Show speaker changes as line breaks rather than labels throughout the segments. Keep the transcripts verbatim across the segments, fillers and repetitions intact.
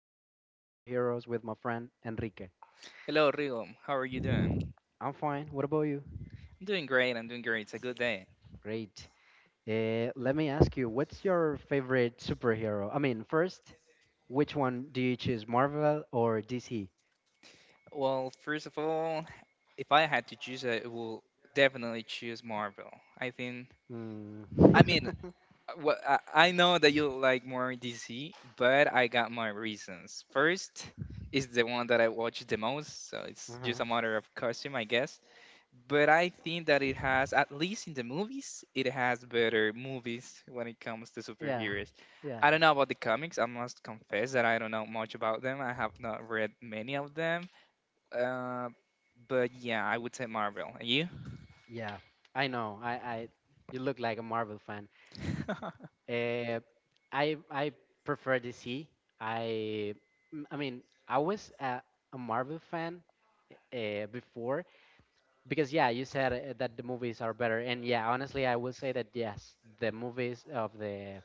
talk about superheroes with my friend Enrique.
Hello, Rigo. How are you doing?
I'm fine. What about you?
I'm doing great. I'm doing great. It's a good day.
Great. Uh, let me ask you, what's your favorite superhero? I mean, first, which one do you choose, Marvel or D C?
Well, first of all, if I had to choose, I will definitely choose Marvel. I think.
Mm.
I mean, wha- I I know that you like more D C, but I got my reasons. First is the one that I watch the most, so it's just a
Uh-huh.
matter of costume, I guess. But I think that it has, at least in the movies, it has better movies when it comes to
Yeah,
superheroes.
yeah,
I don't know about the comics. I must confess that I don't know much about them. I have not read many of them. Uh, but yeah, I would say Marvel. And you?
yeah. I know. I, I, you look like a Marvel fan. Uh, I, I prefer D C. I, mm, I mean, I was a, a Marvel fan uh, before, because, yeah, you said uh, that the movies are better. And, yeah, honestly, I will say that yes, the movies of the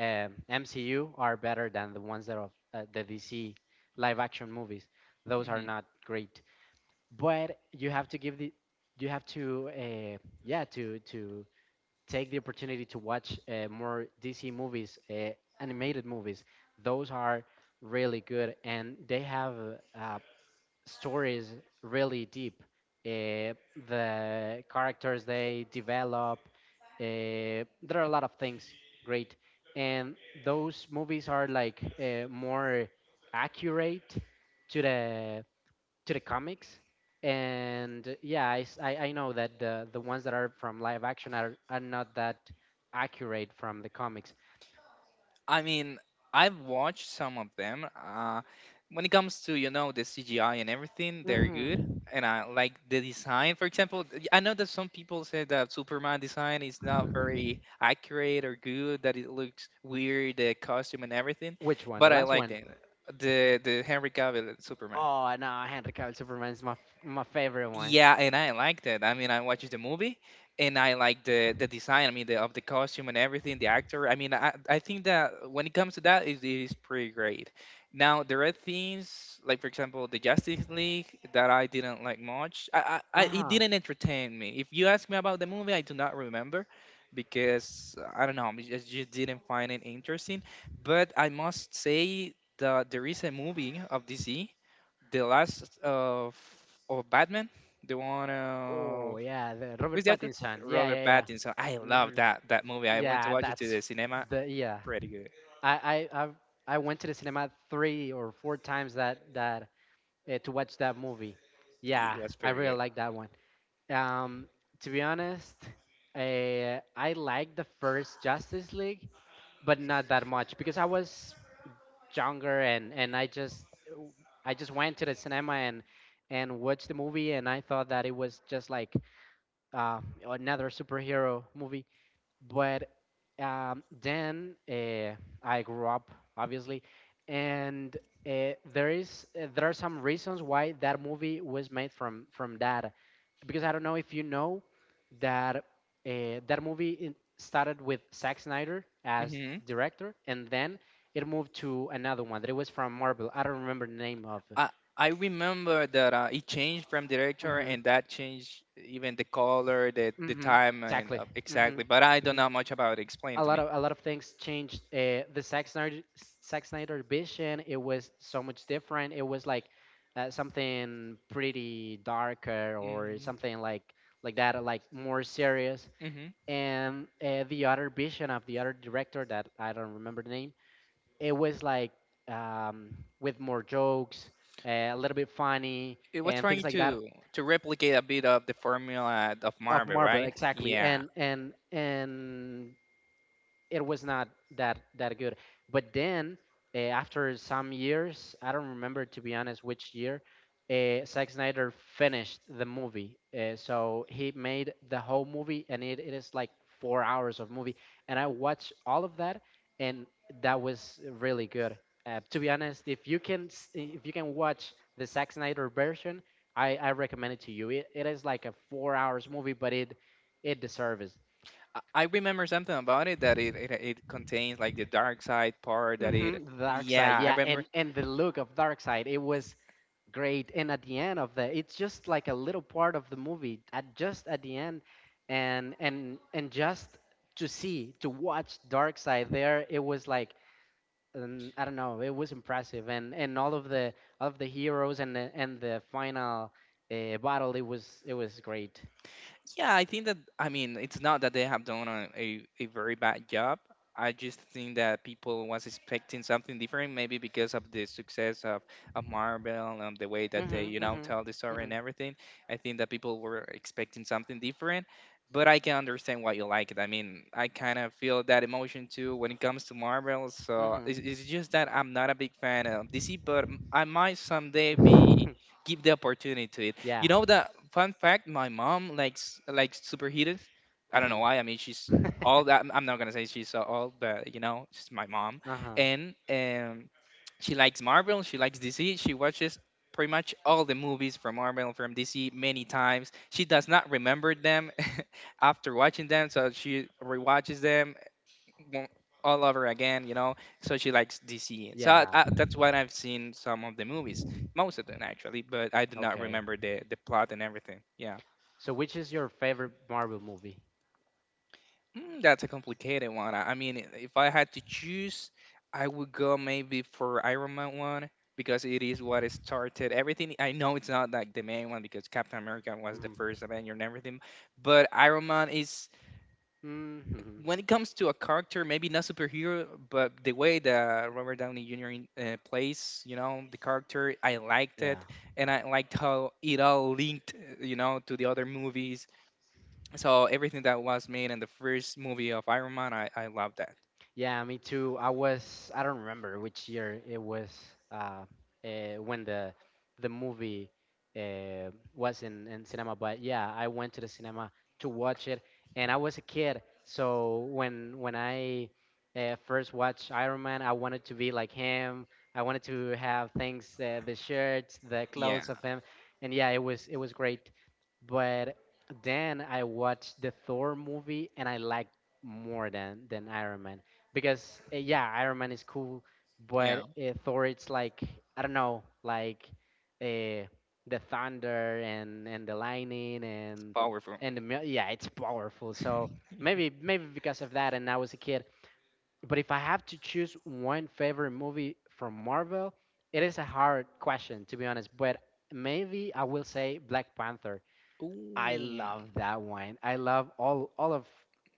um, MCU are better than the ones that of uh, the DC live action movies. Those are
Mhm.
not great, but you have to give the you have to uh, yeah, to to take the opportunity to watch uh, more DC movies. Uh, animated movies, those are really good, and they have uh, stories really deep. Uh, the characters they develop, uh, there are a lot of things great, and those movies are like uh, more accurate to the to the comics. And yeah, I, s- I- I know that the the ones that are from live action are, are not that accurate from the comics.
I mean, I've watched some of them. Uh, when it comes to you know the C G I and everything, they're good,
Hmm.
and I like the design. For example, th- I know that some people say that Superman design is not very accurate or good, that it looks weird, the costume and everything,
Which one? The
but I
last
like
one?
the the the Henry Cavill Superman.
Oh no, Henry Cavill Superman is my f- my favorite one.
Yeah, and I liked it. I mean, I watched the movie, and I like the the design. I mean, the of the costume and everything, the actor. I mean, I I think that when it comes to that, it is pretty great. Now there are things like, for example, the Justice League that I didn't like much. I, I,
Uh
I it
huh.
didn't entertain me. If you ask me about the movie, I do not remember because I don't know, I just just didn't find it interesting. But I must say that there is a movie of D C, the last of of Batman, the one
Oh
of
yeah, the Robert
who's the actor?
Pattinson. Yeah,
Robert
yeah, yeah.
Pattinson. I
Hmm.
love that that movie. I went to
Yeah,
watch it to
that's
the cinema.
the, yeah.
Pretty good.
I I I've, I went to the cinema three or four times that that uh, to watch that movie. Yeah,
It was
I
pretty
really
good.
like that one. Um, to be honest, uh, I liked the first Justice League, but not that much because I was younger, and and I just I just went to the cinema and and watched the movie, and I thought that it was just like uh, another superhero movie. But um, then uh, I grew up, obviously, and uh, there is uh, there are some reasons why that movie was made from from that, because I don't know if you know that, uh, that movie in- started with Zack Snyder as
hmm
director, and then it moved to another one that it was from Marvel. I don't remember the name of.
I I remember that uh, it changed from director,
Mm-hmm.
and that changed even the color, the the
Mm-hmm.
time, and
Exactly.
uh, exactly. But I don't know much about it. Explain
a
it to
lot
me.
of a lot of things changed. Uh, the Zack Snyder Zack Snyder vision, it was so much different. It was like uh, something pretty darker or
hmm
something like like that, like more serious.
hmm
And uh, the other vision of the other director that I don't remember the name, it was like um, with more jokes, uh, a little bit funny
It was
and things
trying
like that
to to replicate a bit of the formula of
of
Marvel,
Marvel,
right?
exactly.
Yeah.
And and and it was not that that good. But then uh, after some years, I don't remember to be honest which year, uh, Zack Snyder finished the movie. Uh, so he made the whole movie, and it, it is like four hours of movie. And I watched all of that, and that was really good. Uh, to be honest, if you can s- if you can watch the Zack Snyder version, I, I recommend it to you. It, it is like a four hours movie, but it it deserves.
I I remember something about it that it, it it contains like the dark side part that it.
Mm-hmm. Dark Side,
Yeah, I
yeah,
remember.
and and the look of Dark Side, it was great. And at the end of the, it's just like a little part of the movie, at just at the end, and and and just to see to watch Dark Side there, it was like um, I don't know, it was impressive, and and all of the all of the heroes and the, and the final uh, battle, it was it was great.
Yeah, I think that I mean it's not that they have done a, a, a very bad job. I just think that people was expecting something different, maybe because of the success of, of Marvel and the way that
Mm-hmm,
they, you know,
mm-hmm,
tell the story
mm-hmm,
and everything. I think that people were expecting something different, but I can understand why you like it. I mean, I kind of feel that emotion too when it comes to Marvel. So
mm-hmm.
it's, it's just that I'm not a big fan of D C, but I might someday be give the opportunity. You
Yeah.
know that fun fact? My mom likes likes superheated. I don't know why.
Mm-hmm.
I mean, she's all that. I'm not gonna say she's so old, but you know, she's my mom,
Uh-huh.
and um, she likes Marvel. She likes D C. She watches pretty much all the movies from Marvel from D C many times. She does not remember them after watching them, so she rewatches them won't- all over again, you know. So she likes D C. So I,
Yeah.
I, that's why I've seen some of the movies, most of them actually, but I do not
Okay.
remember the the plot and everything. Yeah,
So, which is your favorite Marvel movie?
mm, that's a complicated one. I, I mean, i- if I had to choose, I would go maybe for Iron Man one because it is what it started everything. I know it's not like the main one because Captain America was the
Mm-hmm.
first Avenger and everything, but Iron Man is
Hmm.
when it comes to a character, maybe not superhero, but the way that Robert Downey Junior in- uh, plays, you know, the character, I liked it,
Yeah.
and I liked how it all linked, uh, you know, to the other movies. So everything that was made in the first movie of Iron Man, I I love that.
Yeah, me too. I was I don't remember which year it was uh, uh when the the movie uh was in in cinema, but yeah, I went to the cinema to watch it, and I was a kid. So when when I uh, first watched Iron Man, I wanted to be like him. I wanted to have things, uh, the shirts, the
Yeah,
clothes of him. And yeah, it was it was great. But then I watched the Thor movie, and I liked more than than Iron Man because, uh, yeah, Iron Man is cool,
yeah,
but uh, Thor, it's like I don't know, like uh, the thunder and and the lightning
it's
and
powerful.
and the mil- yeah, it's powerful. So maybe maybe because of that, and I was a kid. But if I have to choose one favorite movie from Marvel, it is a hard question, to be honest. But maybe I will say Black Panther. I
Ooh.
love that one. I love all all of,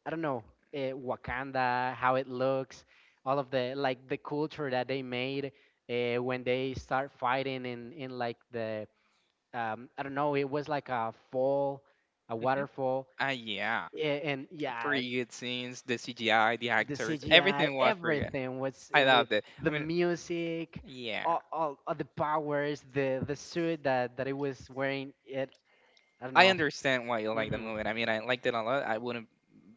I don't know, uh, Wakanda, how it looks, all of the, like, the culture that they made, uh, when they start fighting in in like the, um, I don't know, it was like a fall, a
Mhm.
waterfall,
Ah, yeah,
a- and yeah,
pretty good scenes. The C G I, the
the
actors,
C G I,
everything was pretty good.
everything was, it
I
was
loved it.
the
I mean,
music,
yeah.
all, all, all the powers, the the suit that that it was wearing. It, I don't
I
know.
understand why you like the
Mm-hmm.
movie. I mean, I liked it a lot. I wouldn't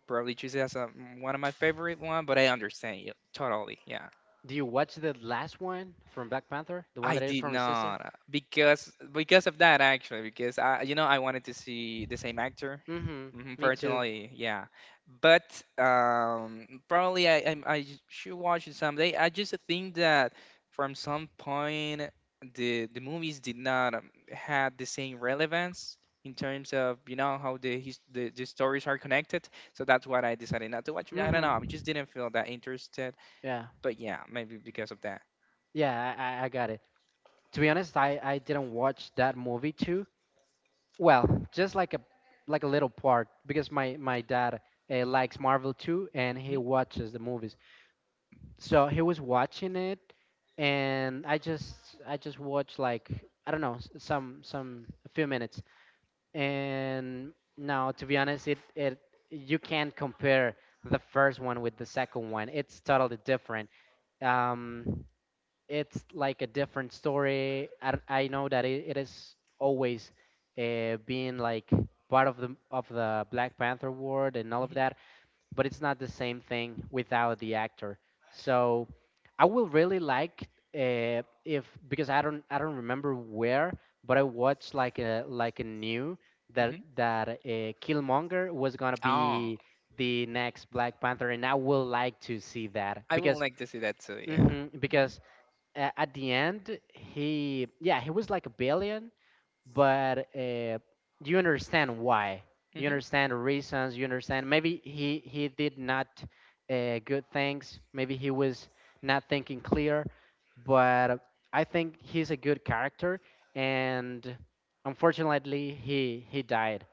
probably choose it as a, one of my favorite one, but I understand you totally. Yeah.
Do you watch the last one from Black Panther? The one
I
that is
did
from his sister?
not because because of that actually because I you know I wanted to see the same actor.
Mm-hmm.
Mhm.
Me too.
Personally, yeah, but um, probably I, I I should watch it someday. I just think that from some point the the movies did not um, had the same relevance in terms of you know how the, his, the the stories are connected. So that's what I decided not to watch it. I don't know. I just
Mm-hmm.
didn't feel that interested.
Yeah.
But yeah, maybe because of that.
Yeah, I, I, I got it. To be honest, I, I didn't watch that movie too. Well, just like a like a little part because my my dad uh, likes Marvel too, and he
Mm-hmm.
watches the movies. So he was watching it, and I just I just watched, like, I don't know, s- some some a few minutes, and now, to be honest, it, it you can't compare the first one with the second one. It's totally different. Um it's like a different story. I, d- I know that it, it is always uh, being like part of the of the Black Panther world and all of
Mhm,
that, but it's not the same thing without the actor. So I will really like, uh, if, because I don't I don't remember where, but I watched like a like a new that
mhm.
that uh, Killmonger was gonna
Oh,
be the next Black Panther, and I will like to see that,
I would
because
like to see that too. Yeah.
hmm
Mhm,
because uh, at the end he, yeah, he was like a billion, but uh, you understand why, you
mhm.
understand the reasons, you understand maybe he he did not, uh, good things, maybe he was not thinking clear, but I think he's a good character, and unfortunately he he died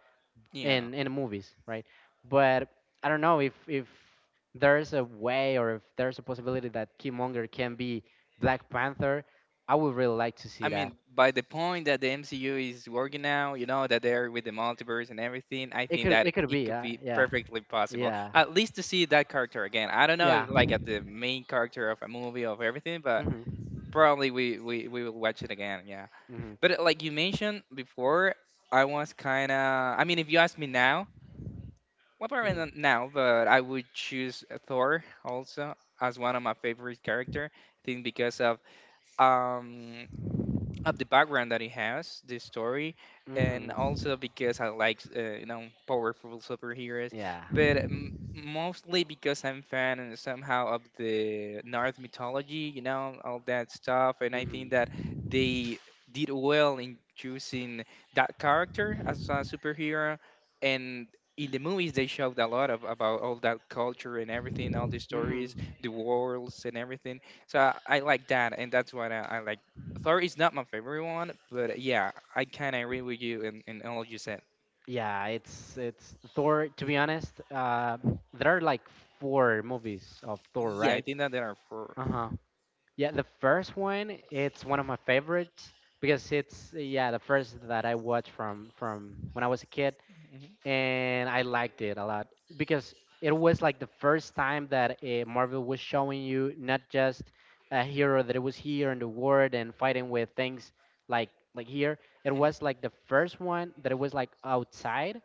Yeah.
in in the movies, right? But I don't know if if there's a way or if there's a possibility that Killmonger can be Black Panther, I would really like to
I
see that.
mean, by the point that the M C U is working now, you know, that they're with the multiverse and everything, I
It
think
could
that
it could
it
be,
could
uh,
be
yeah.
perfectly possible.
Yeah.
At least to see that character again. I don't know,
Yeah.
like, at the main character of a movie of everything, but
Mhm.
probably we, we, we will watch it again, yeah.
Mhm.
But uh, like you mentioned before, I was kind of. I mean, if you ask me now, well, probably
Mhm.
not now, but I would choose Thor also as one of my favorite character. I think because of um of the background that it has, the story, and
Mhm.
also because I like uh, you know powerful superheroes,
Yeah.
but m- mostly because I'm fan and somehow of the North mythology, you know, all that stuff, and I think
Mhm.
that they did well in choosing that character as a superhero, and in the movies they showed a lot of about all that culture and everything, all the stories,
Mhm.
the worlds and everything, so i, I like that, and that's what i, I like. Thor is not my favorite one, but yeah, I kind of agree with you in, in all you said.
Yeah, it's it's Thor, to be honest. Uh there are like four movies of Thor,
Yeah, I
right?
think that there are four.
Uh-huh. Yeah, the first one, it's one of my favorites because it's, yeah, the first that I watched from from when I was a kid,
Mm-hmm,
and I liked it a lot because it was like the first time that, uh, Marvel was showing you not just a hero that was here in the world and fighting with things like like here. It
hmm
was like the first one that it was like outside.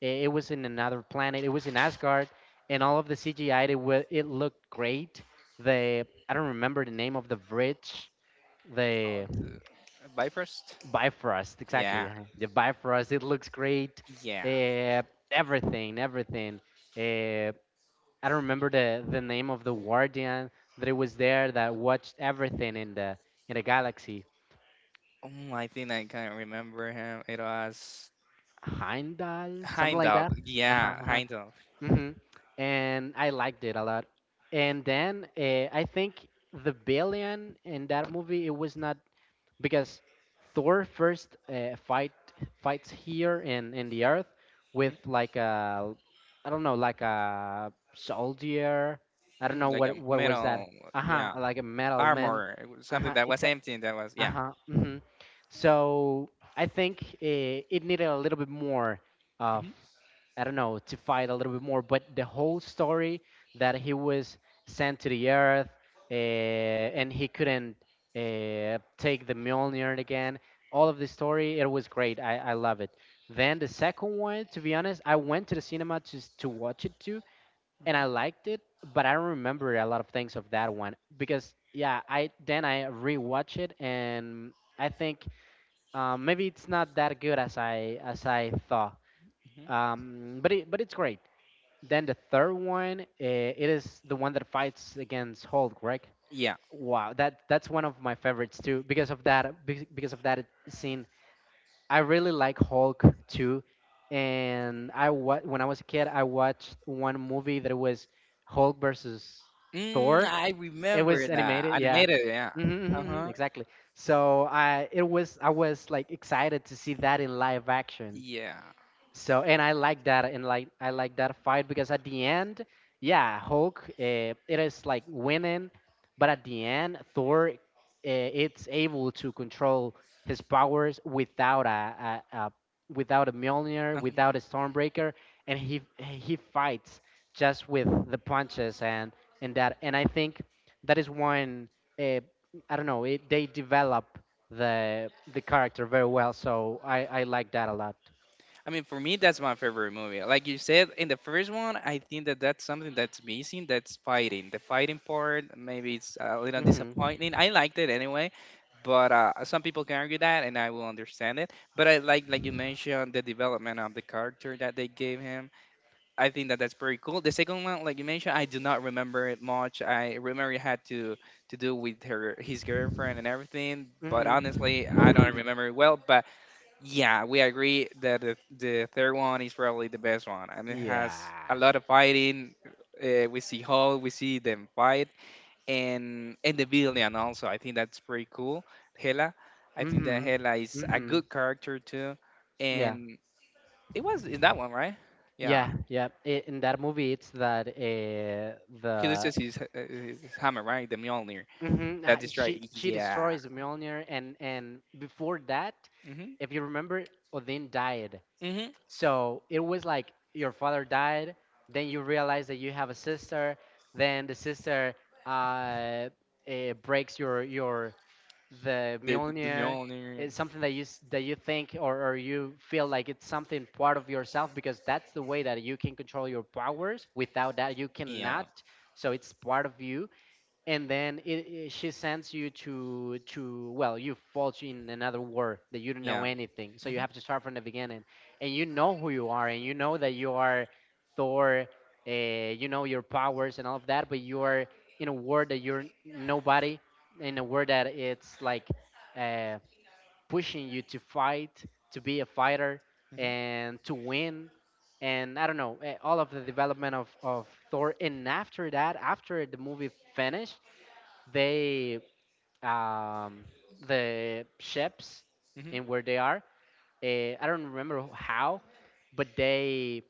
It, it was in another planet. It was in Asgard, and all of the C G I, it wa- it looked great. The I don't remember the name of the bridge.
Oh,
The
the Bifrost?
Bifrost, exactly.
Yeah,
uh, The Bifrost, it looks great.
yeah.
Uh, everything, everything. Uh, I don't remember the, the name of the guardian that it was there that watched everything in the in the galaxy.
Um, I think I can't remember him. It was
Heimdall, something like
Heimdall.
that. Uh-huh,
Yeah,
uh-huh.
Heimdall.
Hmm. And I liked it a lot. And then uh, I think the billion in that movie, it was not because Thor first uh, fight fights here in in the Earth
Mhm,
with, like, a, I don't know, like a soldier. I don't know
mhm, Like a
what what was that.
metal,
Uh huh.
yeah,
Like a metal man.
armor, it was something
Uh
that was
huh.
empty. That was
Uh
yeah,
huh. Hmm. So I think it, it needed a little bit more of,
hmm
I don't know, to fight a little bit more. But the whole story that he was sent to the Earth, uh, and he couldn't, uh, take the Mjolnir again, all of the story, it was great. I, I love it. Then the second one, to be honest, I went to the cinema just to watch it too, and I liked it, but I don't remember a lot of things of that one because, yeah, I then I rewatch it and I think, um, maybe it's not that good as I as I thought.
hmm
Um, but it, but it's great. Then the third one, uh, it is the one that fights against Hulk, right?
yeah.
Wow, that that's one of my favorites too because of that bec- because of that scene. I really like Hulk too, and I wa- when I was a kid, I watched one movie that was Hulk versus
Mm,
Thor.
I
It
remember
was
that
animated, yeah.
animated. Yeah.
Mm-hmm, mm-hmm,
Uh
mm-hmm,
huh.
exactly. So I it was I was like excited to see that in live action.
Yeah.
So and I like that, and like I like that fight because at the end, yeah, Hulk uh, it is like winning, but at the end Thor uh, it's able to control his powers without a, a, a without a Mjolnir, without
Uh-huh.
a Stormbreaker, and he he fights just with the punches and and that, and I think that is one, uh, I don't know, it, they develop the the character very well, so I I like that a lot.
I mean, for me, that's my favorite movie. Like you said in the first one, I think that that's something that's missing. That's fighting. The fighting part, maybe it's a little
Hmm.
disappointing. I liked it anyway, but uh, some people can argue that, and I will understand it. But I like, like you mentioned, the development of the character that they gave him. I think that that's pretty cool. The second one, like you mentioned, I do not remember it much. I remember it had to to do with her his girlfriend and everything, but honestly, I don't
Mm-hmm.
remember it well. But yeah, we agree that the, the third one is probably the best one. I mean, it has a
Yeah.
lot of fighting. Uh, we see Hulk, we see them fight, and and the villain also. I think that's pretty cool. Hela, I think that
Mm-hmm.
Hela is a
Mm-hmm.
good character too,
Yeah.
and it was in that one, right? Yeah,
Yeah. Yeah. I In that movie, it's that uh,
he
the
loses his, uh, his hammer, right? The Mjolnir.
hmm
That is right.
she she
Yeah.
destroys Mjolnir, and and before that,
hmm
if you remember, Odin died.
hmm
So it was like your father died, then you realize that you have a sister, then the sister uh, eh, breaks your your the
The, the the
Mjolnir.
Mjolnir.
It's something that you s- that you think or, or you feel like it's something part of yourself, because that's the way that you can control your powers. Without that, you
Yeah.
cannot. So it's part of you, and then it, it, she sends you to to well, you fall in another war that you don't know
Yeah.
anything, so you
hmm
have to start from the beginning, and you know who you are and you know that you are Thor, uh, you know your powers and all of that, but you are in a war that you're nobody, in a war that it's like uh, pushing you to fight, to be a fighter
hmm
and to win, and I don't know, eh, all of the development of, of Thor. And after that, after the movie finished, they, um, the ships
hmm
and where they are, uh, I don't remember how, but they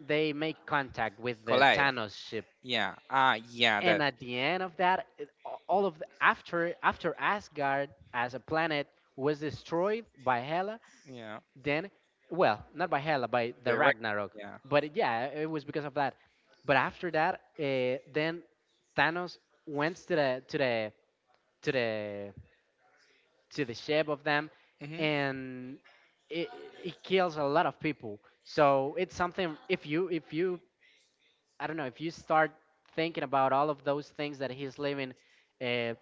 they make contact with the
Collide.
Thanos ship,
Yeah. Ah. Yeah.
and
The.
at the end of that, it, a- all of the, after after Asgard as a planet was destroyed by Hela,
Yeah.
then well, not by Hela, by the
The right.
Ragnarok,
Yeah.
but it- yeah, it was because of that. But after that, uh, then Thanos went to the to the to the to the shape of them,
hmm
and it, it kills a lot of people. So it's something. If you if you I don't know if you start thinking about all of those things that he's living, uh,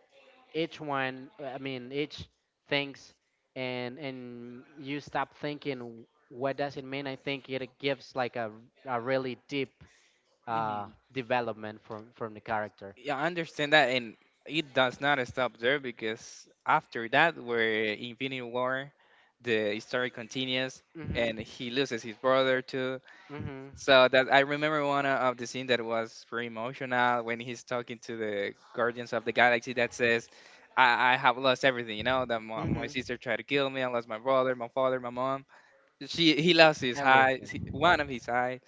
each one, I mean, each things, and and you stop thinking what does it mean, I think it gives like a a really deep uh,
hmm
development from from the character.
Yeah. I understand that, and it does not stop there because after that, where Infinity War, the story continues,
Mhm.
and he loses his brother too.
Mhm.
So that I remember one of the scene that was very emotional when he's talking to the Guardians of the Galaxy that says, "I, I have lost everything. You know that my, my
Mhm.
sister tried to kill me. I lost my brother, my father, my mom." She he lost his eye, he-
Everything.
one of his eyes,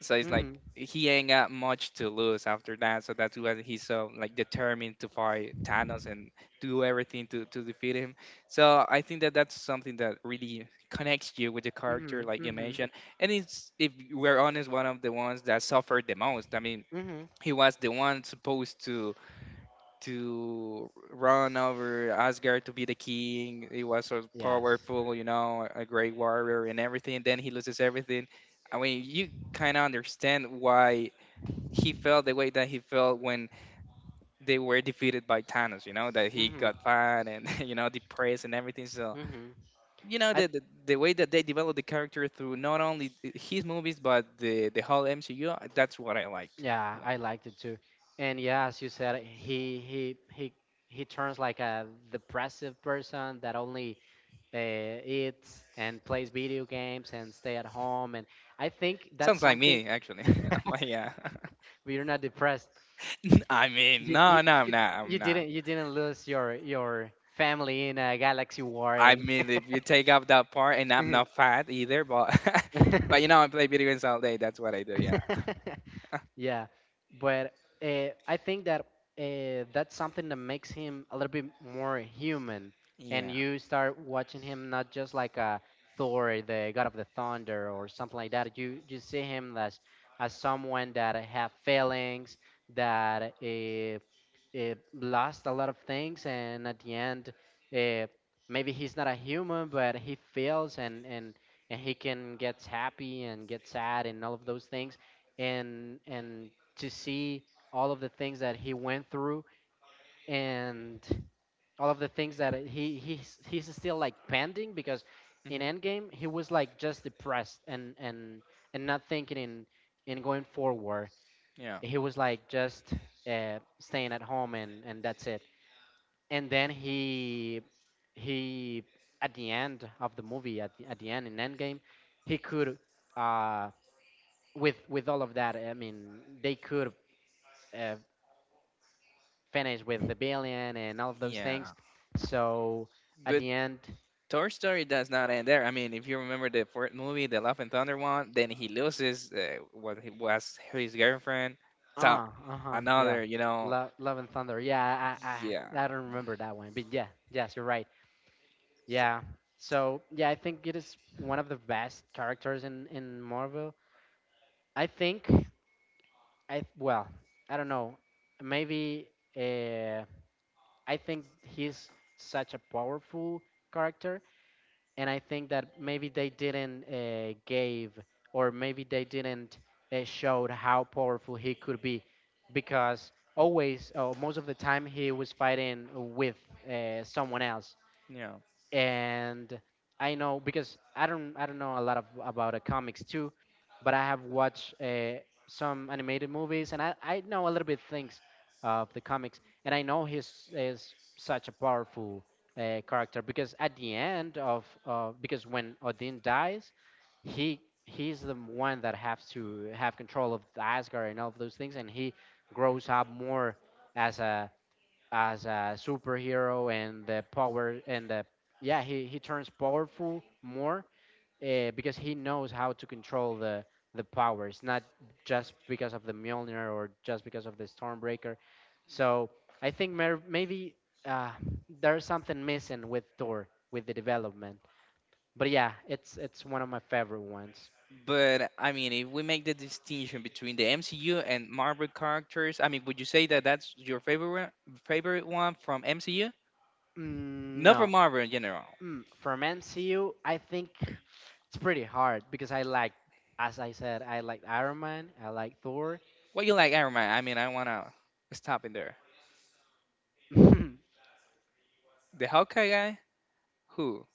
so it's like
Mhm.
he ain't got much to lose after that. So that's why he's so like determined to fight Thanos and do everything to to defeat him. So I think that that's something that really connects you with the character,
Mhm.
like you
Mhm.
mentioned. And it's if we're honest, one of the ones that suffered the most. I mean,
Mm-hmm.
he was the one supposed to to run over Asgard to be the king. He was so
Yes.
powerful, you know, a great warrior and everything. Then he loses everything. I mean, you kind of understand why he felt the way that he felt when they were defeated by Thanos, you know, that he
Mm-hmm.
got fat and, you know, depressed and everything. So,
Mm-hmm.
you know,
I
the, the, the way that they developed the character through not only his movies, but the, the whole M C U, that's what I liked.
Yeah,
Yeah.
I liked it too. And yeah, as you said, he he he he turns like a depressive person that only uh, eats and plays video games and stay at home. And I think that's
Sounds like
something.
me, actually.
But
But yeah.
you're not depressed.
I mean,
You, you
no, no, I'm
you
not.
you
I'm not.
didn't, you didn't lose your your family in a galaxy war,
I
and.
mean, if you take out that part, and I'm not fat either, but but you know, I play video games all day. That's what I do. Yeah.
Yeah, but uh, I think that uh, that's something that makes him a little bit more human, and
Yeah.
you start watching him not just like a Thor, the god of the thunder, or something like that. You you see him as as someone that have feelings, that uh, uh, lost a lot of things, and at the end, uh, maybe he's not a human, but he feels, and and and he can get happy and get sad and all of those things, and and to see all of the things that he went through, and all of the things that he he's he's still like pending, because in
hmm
Endgame he was like just depressed and and and not thinking in in going forward.
Yeah.
He was like just uh, staying at home, and and that's it. And then he he at the end of the movie, at the, at the end in Endgame, he could, uh with with all of that, I mean, they could uh, finish with the billion and all of those things.
Yeah.
So at
But
the end,
Toy Story does not end there. I mean, if you remember the fourth movie, the Love and Thunder one, then he loses uh, what he was his girlfriend. So
ah, uh huh, yeah,
another, you know.
Love, Love and Thunder. Yeah, I,
Yeah.
I, I don't remember that one, but yeah, yes, you're right. Yeah. So yeah, I think it is one of the best characters in in Marvel. I think I well, I don't know. Maybe uh, I think he's such a powerful character, and I think that maybe they didn't uh, gave, or maybe they didn't uh, showed how powerful he could be, because always, or most of the time, he was fighting with uh, someone else,
Yeah.
and I know, because I don't I don't know a lot of about uh, comics too, but I have watched uh, some animated movies, and I, I know a little bit things of the comics, and I know he's is such a powerful uh, character, because at the end of, uh, because when Odin dies, he he's the one that has to have control of Asgard and all of those things, and he grows up more as a as a superhero, and the power and the yeah he, he turns powerful more, uh, because he knows how to control the the powers, not just because of the Mjolnir, or just because of the Stormbreaker. So I think mer- maybe uh, there's something missing with Thor, with the development, but yeah, it's it's one of my favorite ones.
But I mean, if we make the distinction between the M C U and Marvel characters, I mean, would you say that that's your favorite one- favorite one from M C U?
Mm,
Not from
no.
Marvel in general.
Mm, from M C U, I think it's pretty hard, because I like, as I said, I like Iron Man, I like Thor.
What you like Iron Man? I mean, I wanna stop in there. The Hawkeye guy? Who?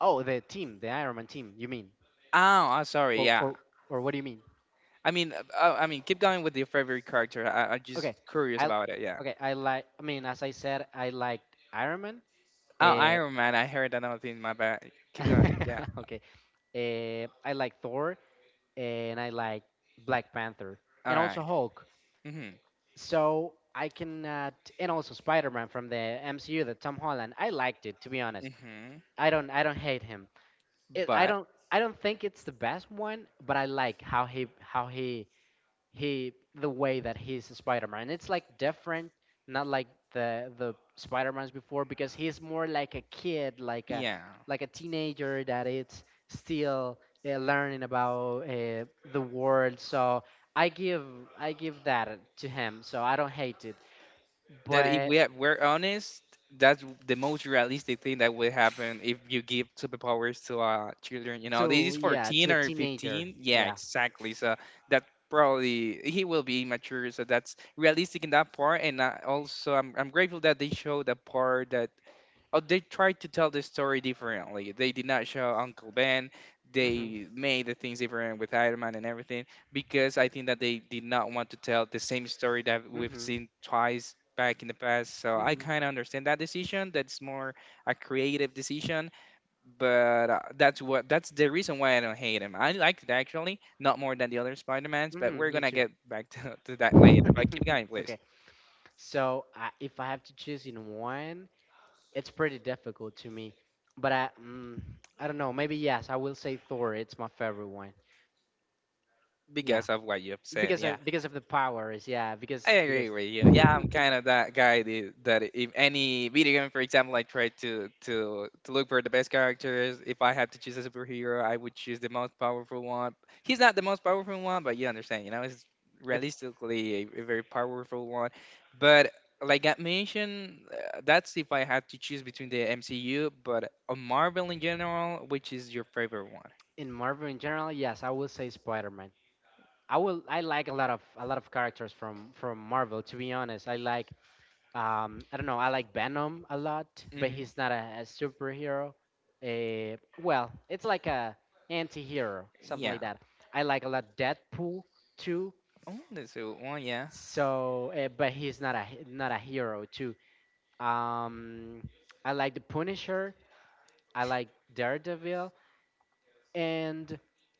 Oh, the team, the Iron Man team. You mean,
Oh, I'm sorry.
or
Yeah.
or or what do you mean?
I mean, uh, uh, I mean, keep going with your favorite character. I, I'm just
Okay,
curious
I
about it. Yeah.
okay, I like. I mean, as I said, I liked Iron Man.
Oh,
Uh,
Iron Man. I heard another thing. My bad. Keep going. Yeah.
okay, uh, I like Thor and I like Black Panther,
All
and also
right.
Hulk.
Mhm.
So I cannot, and also Spider Man from the M C U, the Tom Holland. I liked it, to be honest.
Mhm.
I don't I don't hate him. It, I
But
don't I don't think it's the best one, but I like how he how he he the way that he's a Spider-Man. It's like different, not like the the Spider-Mans before, because he's more like a kid, like a
yeah.
like a teenager that it's still uh, learning about uh, the world. So I give I give that to him. So I don't hate it,
That if
but
we have, we're honest, that's the most realistic thing that would happen if you give superpowers to uh, children. You know, this
to
is
yeah to
fourteen
a
or
teenager,
fifteen. Yeah,
yeah.
exactly. So that probably he will be immature. So that's realistic in that part. And I also, I'm, I'm grateful that they show the part that, oh, they tried to tell the story differently. They did not show Uncle Ben.
Mhm.
They made the things different with Iron Man and everything because I think that they did not want to tell the same story that we've
Mhm.
seen twice back in the past. So I
Mhm.
kind of understand that decision. That's more a creative decision, but uh, that's what that's the reason why I don't hate him. I liked it actually, not more than the other Spider-Mans, but
hmm
we're
me
gonna
too.
get back to, to that later. But keep going, please,
Okay, so uh, if I have to choose in one, it's pretty difficult to me. But I, mm, I don't know. Maybe yes, I will say Thor. It's my favorite one. Yeah,
because of what you have said.
because
Yeah.
of because of the powers. Yeah, because
I agree
because
with you. Yeah, I'm kind of that guy that, that if any video game, for example, I try to to to look for the best characters. If I had to choose a superhero, I would choose the most powerful one. He's not the most powerful one, but you understand, you know, it's
if
realistically a, a very powerful one. But like I mentioned, uh, that's if I had to choose between the M C U, but a Marvel in general, which is your favorite one?
in Marvel in general, yes, I will say Spider-Man. I will. I like a lot of a lot of characters from from Marvel. To be honest, I like, Um, I don't know. I like Venom a lot, but
hmm
he's not a, a superhero. Uh, well, it's like a anti-hero, something
Yeah.
like that. I like a lot Deadpool too.
Oh, that's a good one. Yeah.
So, uh, but he's not a he- not a hero too. Um, I like the Punisher. I like Daredevil. And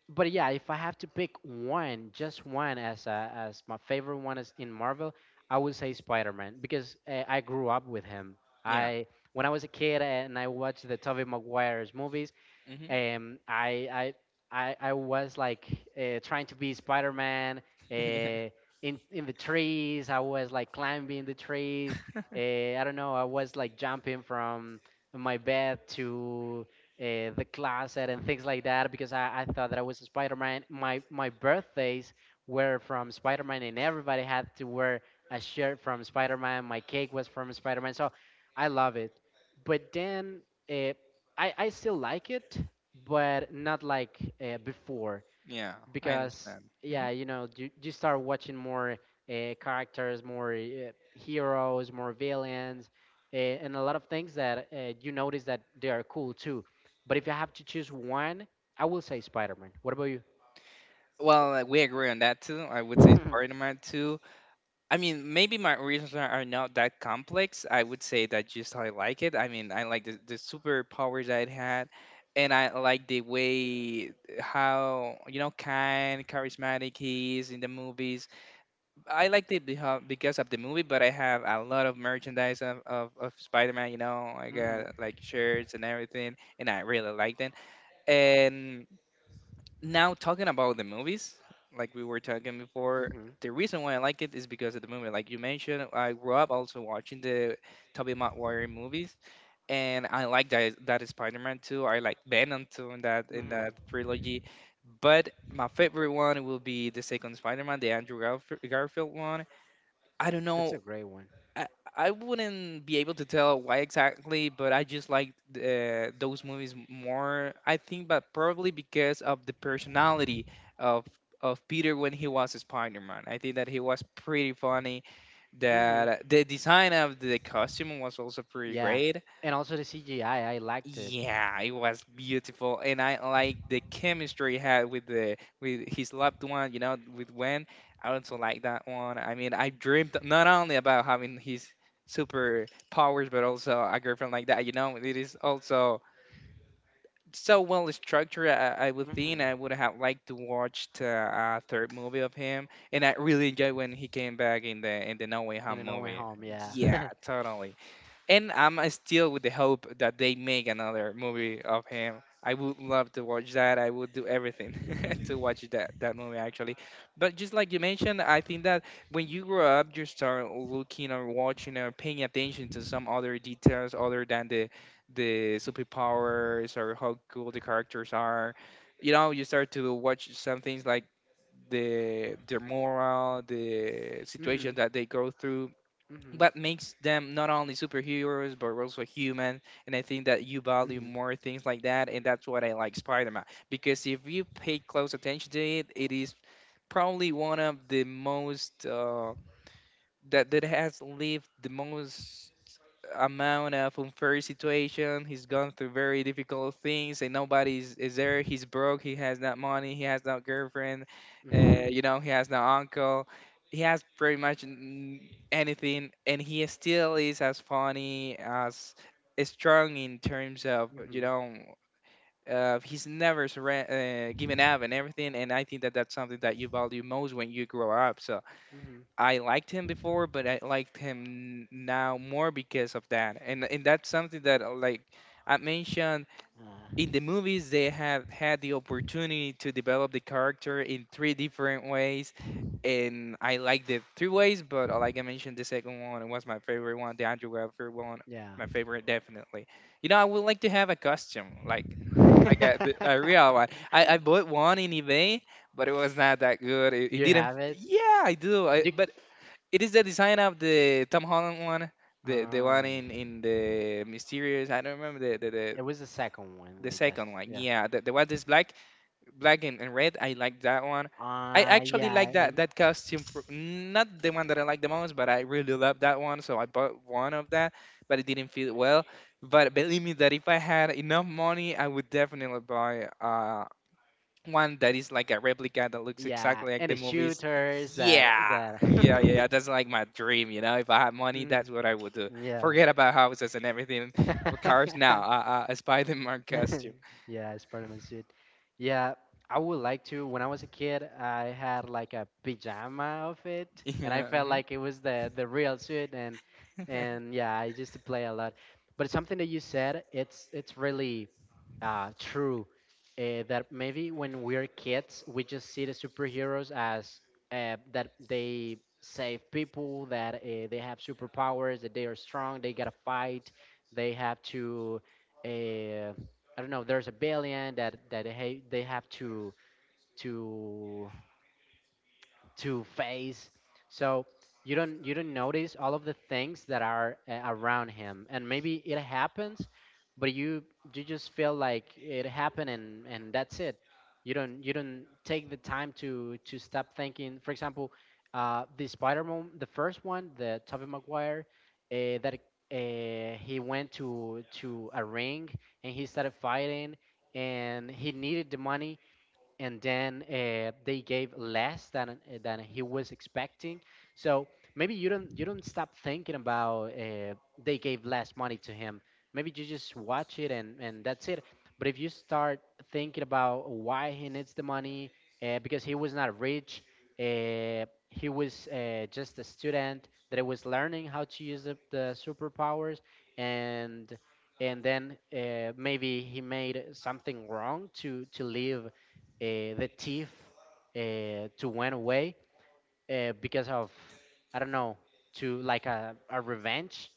but yeah, if I have to pick one, just one, as a, as my favorite one is in Marvel, I would say Spider-Man, because uh, I grew up with him
Yeah.
I when I was a kid, and I watched the Tobey Maguire's movies.
hmm
um, I, I, I, I was like uh, trying to be Spider Man uh,
yeah.
in, in the trees. I was like climbing the trees. Uh, I don't know. I was like jumping from my bed to uh, the closet and things like that, because I, I thought that I was a Spider Man. My, my birthdays were from Spider Man, and everybody had to wear a shirt from Spider Man. My cake was from Spider Man. So I love it. But then. Uh, I, I still like it, but not like uh, before,
Yeah, I
because
understand. Hmm
yeah, you know you, you start watching more uh, characters, more uh, heroes, more villains, uh, and a lot of things that uh, you notice that they are cool too. But if you have to choose one, I will say Spider-Man. What about you?
Well, like, we agree on that too. I would say
hmm
Spider-Man two. I mean, maybe my reasons are, are not that complex. I would say that just how I like it. I mean, I like the, the superpowers that it had, and I like the way how, you know, kind, charismatic he is in the movies. I liked it beha- because of the movie, but I have a lot of merchandise of, of, of Spider Man, you know. I
hmm
got like shirts and everything, and I really liked it. And now, talking about the movies, like we were talking before, the reason why I like it is because of the movie. Like you mentioned, I grew up also watching the Tobey Maguire movies, and I like that, that Spider Man too. I like Venom too in that, in that
hmm
trilogy. But my favorite one will be the second Spider-Man, the Andrew Garf- Garfield one, I don't
it's
know.
a great one.
I, I wouldn't be able to tell why exactly, but I just like uh, those movies more. I think, but probably because of the personality of of Peter when he was Spider-Man. I think that he was pretty funny.
hmm
That the design of the costume was also pretty
yeah,
great.
and also the CGI, i I liked it.
Yeah, it was beautiful, and I like the chemistry he had with the with his loved one. You know, with Gwen. I also like that one. I mean, I dreamed not only about having his super powers, but also a girlfriend like that. You know, it is also so well structured. I, I would think
hmm
I would have liked to watch the uh, third movie of him, and I really enjoyed when he came back in the in the No Way
in a
Home
no Way
movie.
Home, yeah.
Yeah, totally, and I'm uh, still with the hope that they make another movie of him. I would love to watch that. I would do everything to watch that that movie actually. But just like you mentioned, I think that when you grow up, you start looking or watching or paying attention to some other details other than the the superpowers or how cool the characters are. You know, you start to watch some things like the their moral, the situation
Hmm.
that they go through,
Hmm.
what makes them not only superheroes but also human, and I think that you value more things like that, and that's what I like Spider-Man, because if you pay close attention to it, it is probably one of the most uh, that that has lived the most amount of unfair situation. He's gone through very difficult things, and nobody's is there. He's broke. He has no money. He has no girlfriend.
Hmm.
Uh, you know, he has no uncle. He has pretty much n- anything, and he still is as funny as strong in terms of you
Mhm.
know. Uh, he's never surre- uh, given up and everything, and I think that that's something that you value most when you grow up. So,
Mhm.
I liked him before, but I liked him n- now more because of that. And and that's something that uh, like I mentioned in
Uh,
the movies, they have had the opportunity to develop the character in three different ways, and I liked the three ways. But uh, like I mentioned, the second one was my favorite one, the Andrew Garfield one,
Yeah.
my favorite definitely. You know, I would like to have a costume like like a, the- a real one. I, I bought one in eBay, but it was not that good. It, it
You
didn't.
have it.
Yeah, I do. I,
You.
but it is the design of the Tom Holland one, the the one
Um.
in in the mysterious. I don't remember the the the,
It was the second one,
the
I guess.
second one.
Yeah.
Yeah, the the one that's black, black and, and red. I like that one. I
Uh
actually
yeah,
like that
and
that costume. For, not the one that I like the most, but I really love that one. So I bought one of that, but it didn't fit well. But believe me that if I had enough money, I would definitely buy uh, one that is like a replica that looks
yeah,
exactly like
and the
the movies.
shooters that
Yeah,
that.
yeah, yeah. yeah, that's like my dream, you know. If I had money,
Mm,
that's what I would do.
yeah.
Forget about houses and everything, uh, cars. Now, uh, uh, a Spider-Man costume.
yeah, Spider-Man suit. Yeah, I would like to. When I was a kid, I had like a pajama outfit, and I
Yeah,
felt
mhm.
like it was the the real suit. And and yeah, I used to play a lot. But something that you said, it's it's really uh, true. Uh, that maybe when we're kids, we just see the superheroes as uh, that they save people, that uh, they have superpowers, that they are strong, they gotta fight, they have to. Uh, I don't know. There's a billion that that they ha- they have to to to face, so you don't, you don't notice all of the things that are uh, around him, and maybe it happens but you you just feel like it happened, and and that's it. You don't, you don't take the time to to stop thinking. For example, uh the Spider-Man, the first one, the Tobey Maguire, uh, that uh, he went to to a ring and he started fighting, and he needed the money, and then uh, they gave less than uh, than he was expecting. So maybe you don't, you don't stop thinking about uh, they gave less money to him. Maybe you just watch it, and and that's it. But if you start thinking about why he needs the money, uh, because he was not rich, uh, he was uh, just a student that was learning how to use the, the superpowers, and and then uh, maybe he made something wrong to to live, uh, the thief uh, to went away uh, because of, I don't know, to like a, a revenge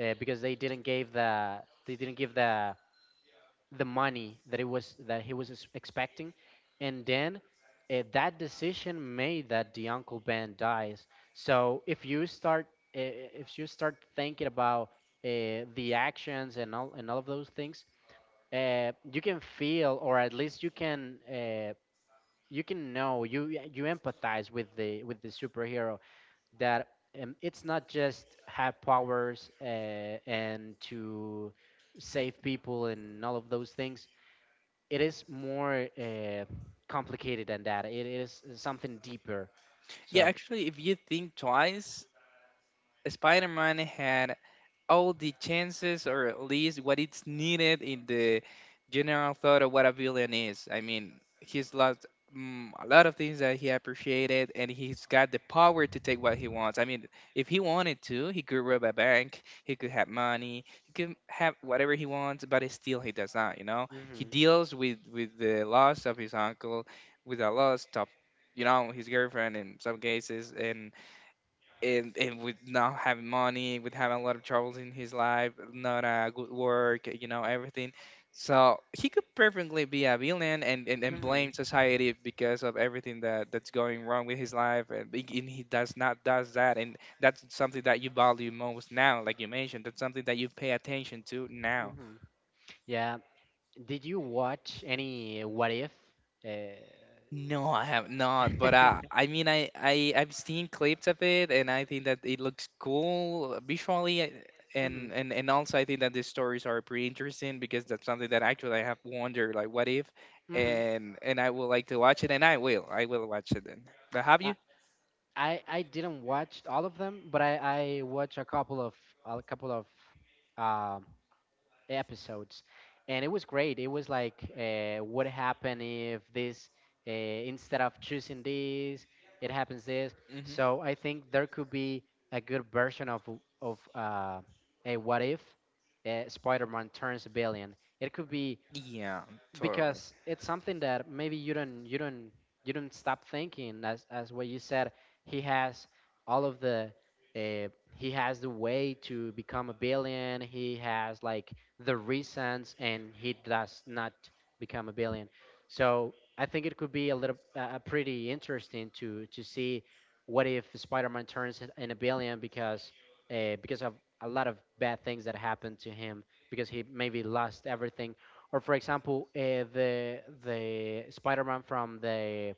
uh, because they didn't give the, they didn't give the the money that it was, that he was ex- expecting, and then uh, that decision made that the Uncle Ben dies. So if you start uh, if you start thinking about uh, the actions and all, and all of those things, uh, you can feel, or at least you can. Uh, you can know, you, yeah, you empathize with the, with the superhero that um, it's not just have powers uh, and to save people and all of those things. It is more uh, complicated than that. It is something deeper.
yeah.
So
Actually, if you think twice, Spider-Man had all the chances or at least what it's needed in the general thought of what a villain is. I mean, he's lost mm, a lot of things that he appreciated and he's got the power to take what he wants. I mean, if he wanted to, he could rob a bank, he could have money, he could have whatever he wants, but still he does not, you know? He
mhm,
deals with with the loss of his uncle, with the loss of you know his girlfriend in some cases and and and with not having money, with having a lot of troubles in his life, not a good work, you know, everything. So he could perfectly be a villain and, and, and
mhm,
blame society because of everything that, that's going wrong with his life, and, be- and he does not does that, and that's something that you value most now, like you mentioned. That's something that you pay attention to now.
mhm. yeah, did you watch any What If? uh,
No, I have not. But I, I mean, I, I, I've seen clips of it, and I think that it looks cool uh, visually, I-
mhm,
and and and also I think that the stories are pretty interesting because that's something that actually I have wondered, like, what if,
mhm.
and and I would like to watch it, and I will, I will watch it then. But have you?
I I didn't watch all of them, but I I watched a couple, of a couple of um episodes, and it was great. It was like, uh, what happened if this, uh, instead of choosing this, it happens this.
Hmm
So I think there could be a good version of, of uh, a What If, uh, Spider-Man turns a billion. It could be,
Yeah, totally.
because it's something that maybe you don't, you don't you don't stop thinking. As as what you said, he has all of the, uh, he has the way to become a billion, he has like the reasons, and he does not become a billion. So I think it could be a little uh, uh, pretty interesting to to see what if Spider-Man turns in in a billion, because uh, because of a lot of bad things that happened to him, because he maybe lost everything. Or for example, uh, the the Spider-Man from the,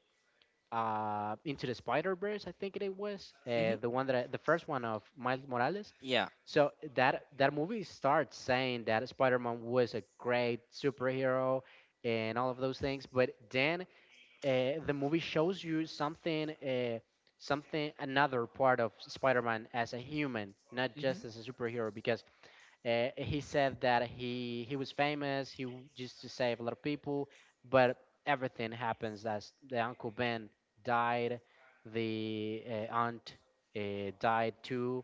uh, Into the Spider-Verse, I think it was uh,
Hmm
the one that I, the first one of Miles Morales.
Yeah.
So that that movie starts saying that Spider-Man was a great superhero and all of those things, but then uh, the movie shows you something. Uh, something another part of Spider-Man as a human, not
hmm
just as a superhero, because uh, he said that he he was famous. He w- used to save a lot of people, but everything happens. As the Uncle Ben died, the uh, aunt uh, died too.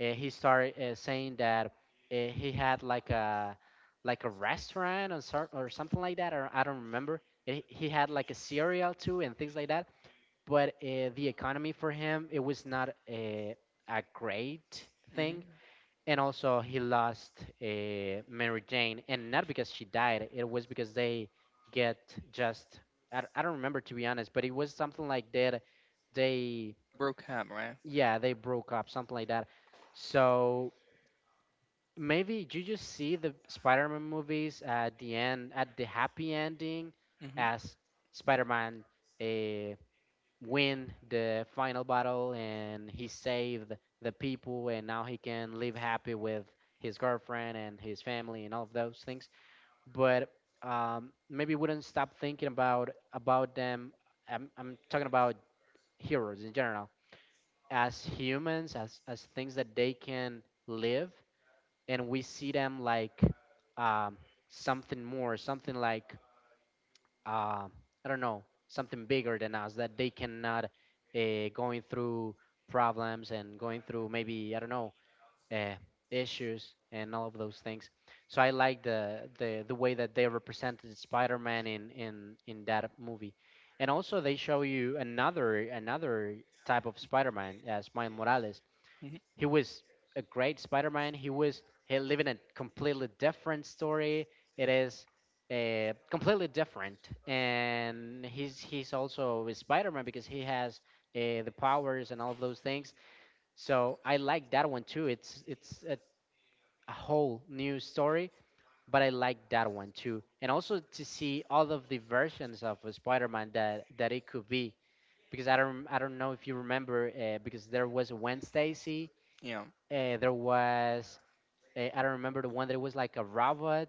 Uh, he started uh, saying that uh, he had like a, like a restaurant or sor- or something like that, or I don't remember. And he he had like a cereal too and things like that. But uh, the economy for him, it was not a, a great thing.
hmm
And also he lost uh, Mary Jane, and not because she died. It was because they get, just I, d- I don't remember, to be honest, but it was something like that. They,
Broke ham, right?
yeah, they broke up, something like that. So maybe you just see the Spider-Man movies at the end, at the happy ending,
hmm
as Spider-Man uh, win the final battle and he saved the people, and now he can live happy with his girlfriend and his family and all of those things. But um, maybe wouldn't stop thinking about about them. I'm, I'm talking about heroes in general as humans, as as things that they can live, and we see them like um, something more, something like, uh, I don't know, something bigger than us, that they cannot uh, going through problems and going through, maybe I don't know, uh, issues and all of those things. So I like the, the, the way that they represented Spider-Man in, in in that movie. And also they show you another, another type of Spider-Man, as Miles Morales.
hmm
He was a great Spider-Man. He was, he living a completely different story. It is uh, completely different, and he's he's also a Spider-Man because he has uh, the powers and all of those things. So I like that one too. It's it's a, a whole new story, but I like that one too. And also to see all of the versions of a Spider-Man that, that it could be. Because I don't, I don't know if you remember uh, because there was a Wednesday, see,
Yeah.
uh, there was uh, I don't remember, the one that was like a robot.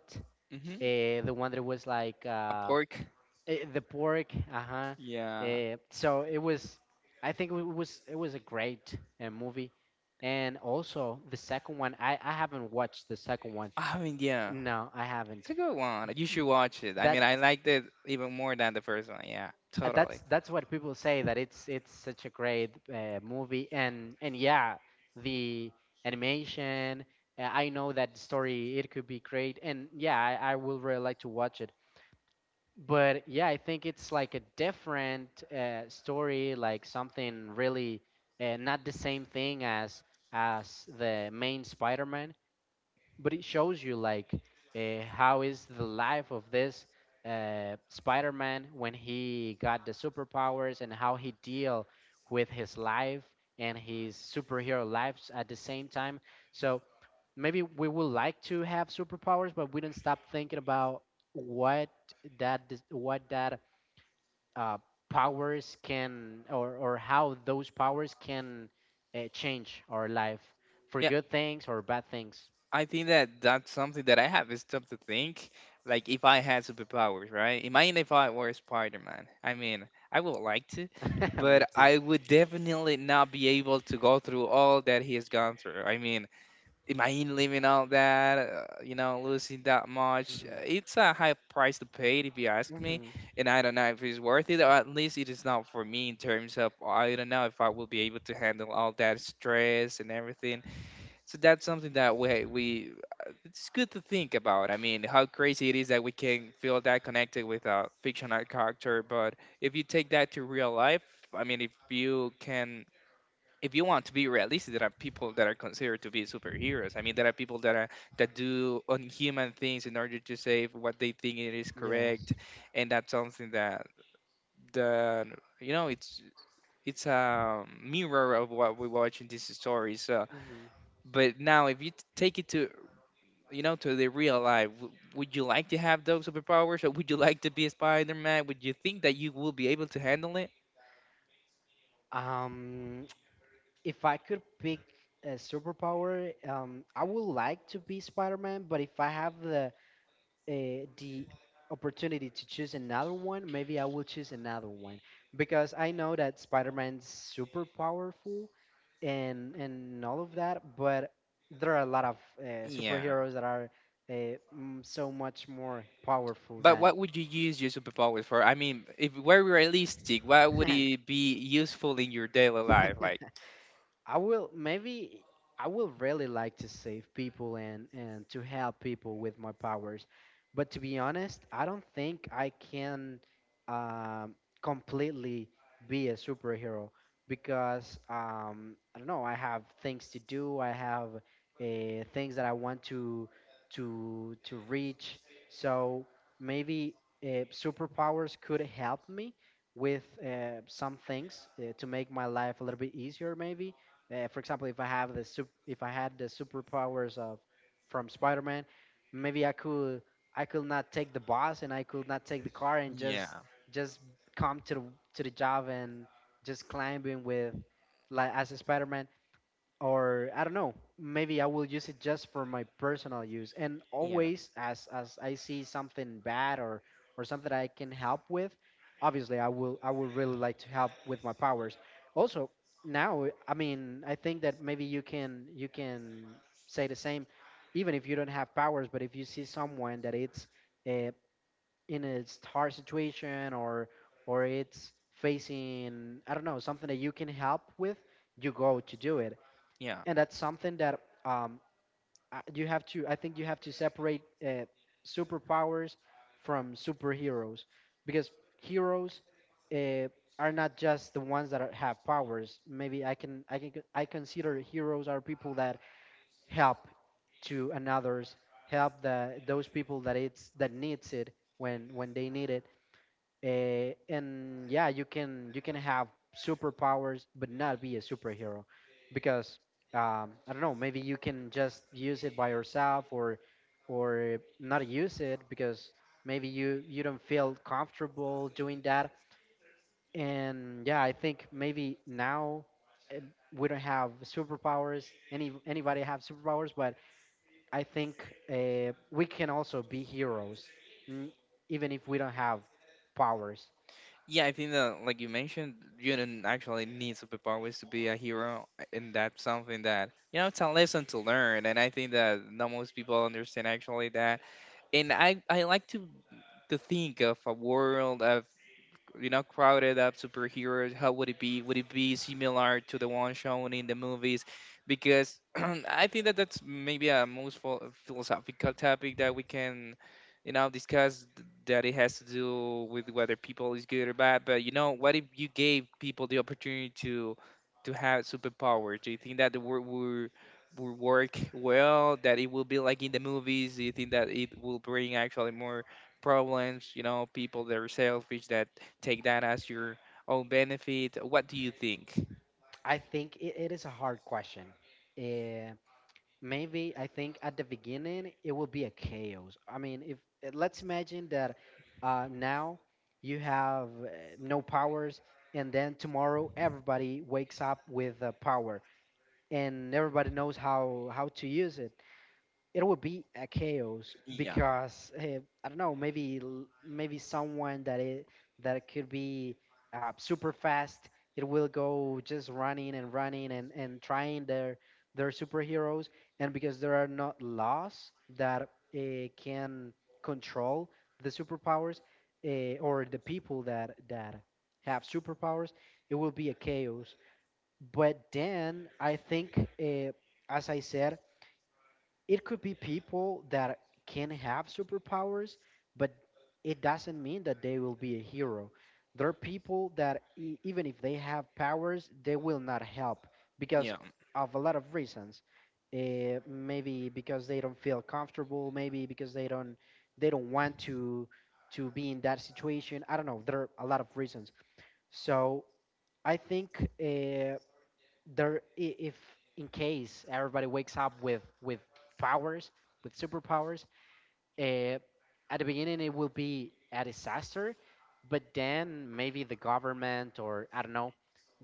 hmm
Uh, the one that was like
A
uh,
pork.
uh, the pork. Uh huh.
Yeah.
Uh, so it was, I think it was, it was a great uh, movie. And also the second one, I, I haven't watched the second one.
I mean, yeah.
No, I
It's
haven't.
a good one. You should watch it. I mean,
That
I liked it even more than the first one. Yeah,
Uh,
totally.
that's that's what people say, that it's it's such a great uh, movie. And and yeah, the animation, uh, I know that story, it could be great. And yeah, i, I would really like to watch it. But yeah, I think it's like a different uh, story, like something really uh, not the same thing as as the main Spider-Man, but it shows you like uh, how is the life of this uh, Spider-Man when he got the superpowers and how he deal with his life and his superhero lives at the same time. So maybe we would like to have superpowers, but we don't stop thinking about what that, dis- what that uh, powers can, or, or how those powers can uh, change our life for
Yeah,
good things or bad things.
I think that that's something that I have stopped to think. Like, if I had superpowers, right? Imagine if I were Spider Man. I mean, I would like to, but
Me too.
I would definitely not be able to go through all that he has gone through. I mean, imagine living all that, uh, you know, losing that much. Uh,
Mhm.
It's a high price to pay, if you ask me.
Mhm.
And I don't know if it's worth it, or at least it is not for me in terms of oh, I don't know if I will be able to handle all that stress and everything. So that's something that we we it's good to think about. I mean, how crazy it is that we can feel that connected with a fictional character, but if you take that to real life, I mean, if you can if you want to be realistic, there are people that are considered to be superheroes. I mean, there are people that are that do unhuman things in order to save what they think it is
Yes.
correct, and that's something that the you know it's it's a mirror of what we watch in these stories. So,
Mhm.
but now if you t- take it to you know to the real life, w- would you like to have those superpowers, or would you like to be a Spider-Man? Would you think that you will be able to handle it?
Um, if I could pick a superpower, um, I would like to be Spider-Man. But if I have the uh, the opportunity to choose another one, maybe I will choose another one, because I know that Spider-Man's super powerful, and and all of that, but there are a lot of uh,
Yeah.
superheroes that are uh, mm, so much more powerful
But
than.
what would you use your superpower for? I mean, if we're realistic, what would it be useful in your daily life? Like,
I will, maybe I will really like to save people, and and to help people with my powers. But to be honest, I don't think I can um, completely be a superhero, because um, I don't know. I have things to do. I have uh, things that I want to to to reach. So maybe uh, superpowers could help me with uh, some things uh, to make my life a little bit easier. Maybe uh, for example, if I have the sup- if I had the superpowers of, from Spider-Man, maybe I could I could not take the bus, and I could not take the car, and just
yeah,
just come to the, to the job, and just climbing with like, as a Spider-Man. Or I don't know, maybe I will use it just for my personal use. And
yeah,
always, as as I see something bad, or or something I can help with, obviously I will, I would really like to help with my powers. Also, now, I mean, I think that maybe you can, you can say the same, even if you don't have powers. But if you see someone that it's uh, in a star situation, or or it's facing, I don't know, something that you can help with, you go to do it.
yeah,
And that's something that um, I, you have to, I think you have to separate uh, superpowers from superheroes, because heroes uh, are not just the ones that are, have powers. Maybe I can, I can I consider heroes are people that help to another's, help the, those people that it's that needs it, when when they need it. Uh, and yeah, you can, you can have superpowers but not be a superhero, because um, I don't know. Maybe you can just use it by yourself, or or not use it, because maybe you, you don't feel comfortable doing that. And yeah, I think maybe now, eh, we don't have superpowers. Any anybody have superpowers? But I think uh, we can also be heroes, n- even if we don't have powers.
yeah. I think that, like you mentioned, you don't actually need superpowers to be a hero, and that's something that you know it's a lesson to learn. And I think that not most people understand actually that. And I I like to to think of a world of you know crowded up superheroes. How would it be? Would it be similar to the one shown in the movies? Because I think that that's maybe a most pho- philosophical topic that we can you know discuss, th- that it has to do with whether people is good or bad. But you know what if you gave people the opportunity to to have superpowers? Do you think that the world will will work well, that it will be like in the movies? Do you think that it will bring actually more problems? You know, people that are selfish, that take that as your own benefit. What do you think?
I think it, it is a hard question. Uh, maybe I think at the beginning it will be a chaos. I mean, if uh, let's imagine that uh, now you have uh, no powers, and then tomorrow everybody wakes up with uh, power, and everybody knows how how to use it. It would be a chaos
Yeah,
because uh, I don't know, maybe l- maybe someone that it that could be uh, super fast, it will go just running and running and, and trying their their superheroes, and because there are not laws that uh, can control the superpowers uh, or the people that that have superpowers, it will be a chaos. But then I think, uh, as I said, it could be people that can have superpowers, but it doesn't mean that they will be a hero. There are people that e- even if they have powers, they will not help because
yeah.
of a lot of reasons. Uh, maybe because they don't feel comfortable. Maybe because they don't they don't want to to be in that situation. I don't know. There are a lot of reasons. So I think. Uh, there i- if in case everybody wakes up with with powers, with superpowers, uh, at the beginning it will be a disaster, but then maybe the government or I don't know,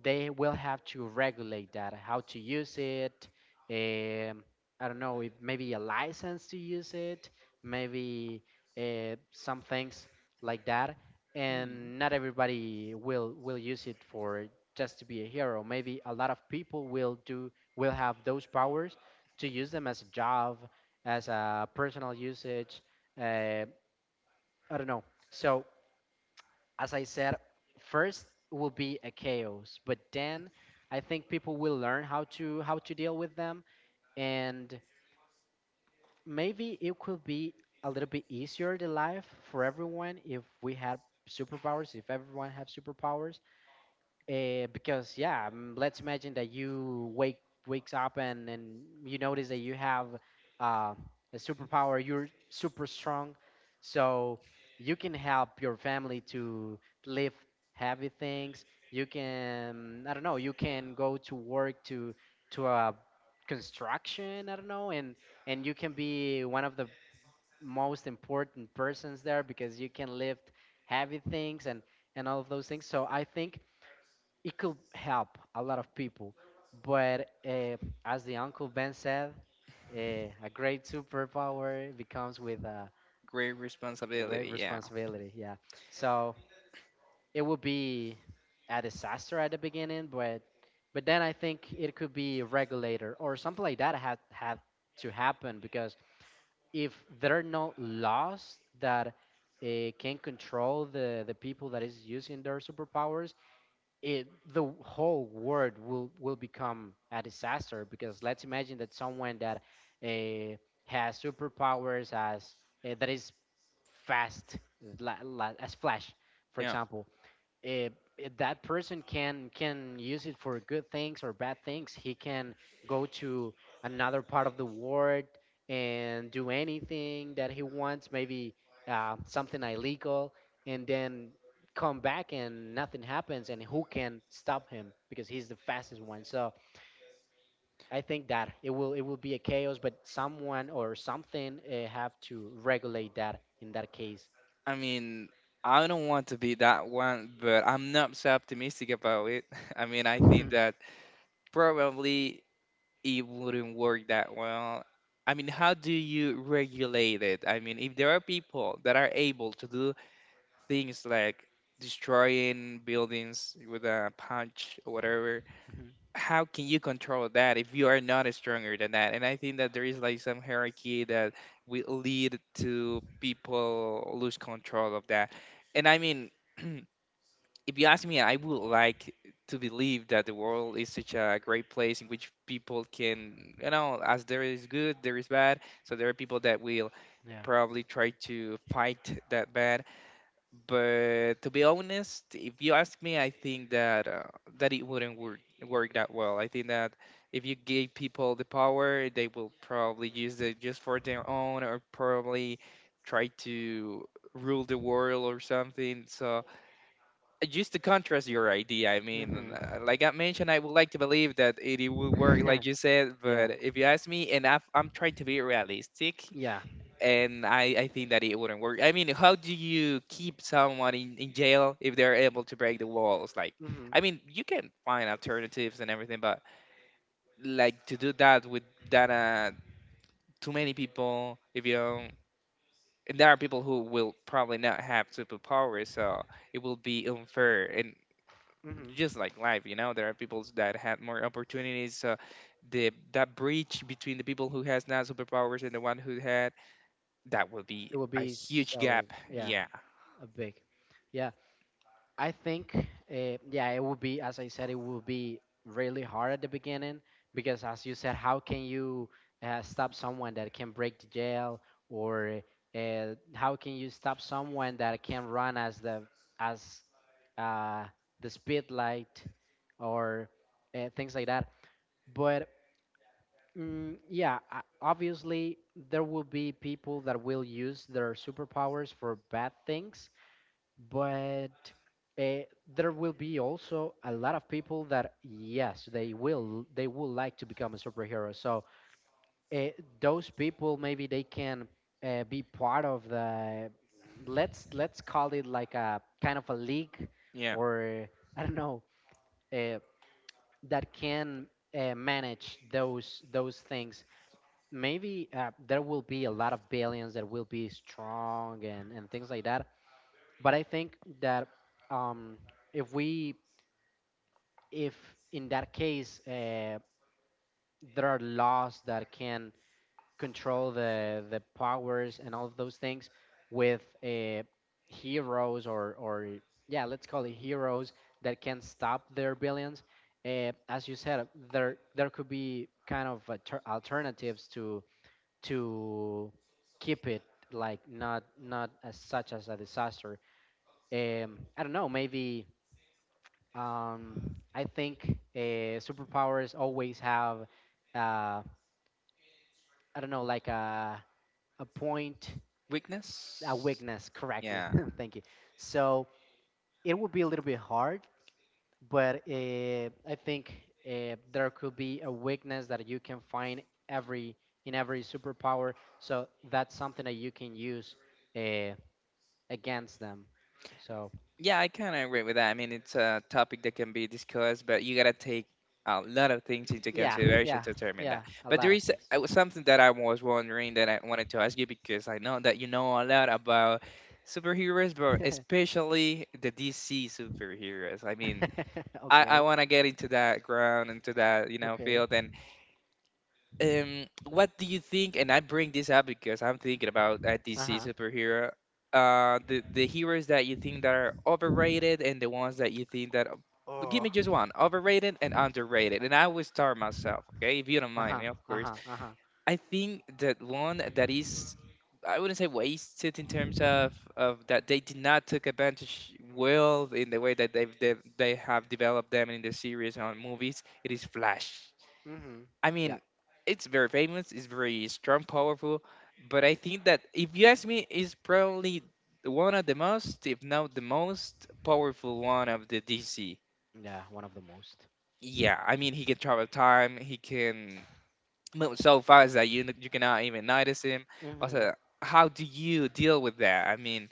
they will have to regulate that, how to use it. Um, I don't know if maybe a license to use it, maybe uh, some things like that,
Mm,
and not everybody will will use it for just to be a hero. Maybe a lot of people will do will have those powers to use them as a job, as a personal usage. uh, I don't know. So as I said, first will be a chaos, but then I think people will learn how to how to deal with them, and maybe it could be a little bit easier the life for everyone if we had superpowers, if everyone have superpowers. Uh, because yeah, um, let's imagine that you wake wakes up and and you notice that you have uh, a superpower. You're super strong, so you can help your family to lift heavy things. You can, I don't know. You can go to work to to a construction. I don't know, and and you can be one of the most important persons there because you can lift heavy things and and all of those things. So I think it could help a lot of people. But uh, as the Uncle Ben said, uh, a great superpower becomes with a
great
great
responsibility. Yeah,
responsibility. Yeah. So it would be a disaster at the beginning, but but then I think it could be a regulator or something like that had had to happen because if there are no laws that uh, can control the, the people that is using their superpowers, it the whole world will will become a disaster because let's imagine that someone that uh, has superpowers as uh, that is fast, la, la, as Flash, for
yeah.
example, eh, eh, that person can can use it for good things or bad things. He can go to another part of the world and do anything that he wants, maybe uh, something illegal, and then come back and nothing happens. And who can stop him because he's the fastest one? So I think that it will it will be a chaos, but someone or something uh, have to regulate that in that case.
I mean, I don't want to be that one, but I'm not so optimistic about it. I mean, I think that probably it wouldn't work that well. I mean, how do you regulate it? I mean, if there are people that are able to do things like destroying buildings with a punch or whatever,
Mhm.
how can you control that if you are not stronger than that? And I think that there is like some hierarchy that will lead to people lose control of that. And I mean, if you ask me, I would like to believe that the world is such a great place in which people can, you know, as there is good, there is bad. So there are people that will probably try to fight that bad, but to be honest, if you ask me, I think that uh, that it wouldn't work work that well. I think that if you gave people the power, they will probably use it just for their own, or probably try to rule the world or something. So uh, just to contrast your idea, I
Yeah.
mean, and,
Hmm.
uh, like I mentioned, I would like to believe that it, it will work, like you said.
Yeah.
But if you ask me, and I've, I'm trying to be realistic,
Yeah.
and I, I think that it wouldn't work. I mean, how do you keep someone in, in jail if they're able to break the walls? Like, I
Mm-hmm.
mean, you can find alternatives and everything, but like to do that with that uh, too many people, if you don't, and there are people who will probably not have superpowers, so it will be unfair. And
Mm-hmm.
just like life, you know, there are people that have more opportunities, so the that breach between the people who has not superpowers and the one who had that will be
It would
a
be
huge
so,
gap.
yeah,
Yeah,
a big. Yeah, I think, uh, yeah, it would be, as I said, it would be really hard at the beginning because, as you said, how can you uh, stop someone that can break the jail, or uh, how can you stop someone that can run as the as uh, the speed light, or uh, things like that. But mm, yeah, I- obviously, there will be people that will use their superpowers for bad things, but uh, there will be also a lot of people that, yes, they will they will like to become a superhero. So uh, those people maybe they can uh, be part of the let's let's call it like a kind of a league
yeah.
or I don't know, uh, that can uh, manage those those things. Maybe uh, there will be a lot of billions that will be strong and, and things like that. But I think that um, if we, if in that case, uh, there are laws that can control the the powers and all of those things with uh, heroes or or yeah, let's call it heroes that can stop their billions. Uh, as you said, there there could be kind of alter- alternatives to to keep it like not not as such as a disaster. Um, I don't know. Maybe um, I think uh, superpowers always have uh, I don't know, like a a point, a
Weakness?
weakness correctly.
Yeah.
Thank you. So it would be a little bit hard, but uh, I think uh, there could be a weakness that you can find every in every superpower. So that's something that you can use uh, against them. So
Yeah, I kind of agree with that. I mean, it's a topic that can be discussed, but you got to take a lot of things into
yeah,
consideration
yeah,
to determine
yeah,
that.
a
But there
lot of
is
things.
uh, something that I was wondering that I wanted to ask you because I know that you know a lot about superheroes, but especially the D C superheroes. I mean, I, I
Okay,
want to get into that ground, into that, you know,
okay,
field. And um, what do you think? And I bring this up because I'm thinking about a
uh
D C
huh,
superhero. Uh, the the heroes that you think that are overrated and the ones that you think that, but give
Oh,
me just one overrated and underrated, and I will start myself. Okay, if you don't
uh
mind
huh,
me, of
uh
course.
huh, uh huh.
I think that one that is, I wouldn't say wasted, in terms of of that they did not took advantage well in the way that they've, they they have developed them in the series on movies, it is Flash.
Mhm.
I
Yeah,
mean, it's very famous, it's very strong, powerful, but I think that if you ask me, it's probably one of the most, if not the most powerful one of the D C.
yeah, one of the most.
Yeah, I mean, he can travel time, he can move so fast that you you cannot even notice him.
Mhm.
Also, how do you deal with that? I mean,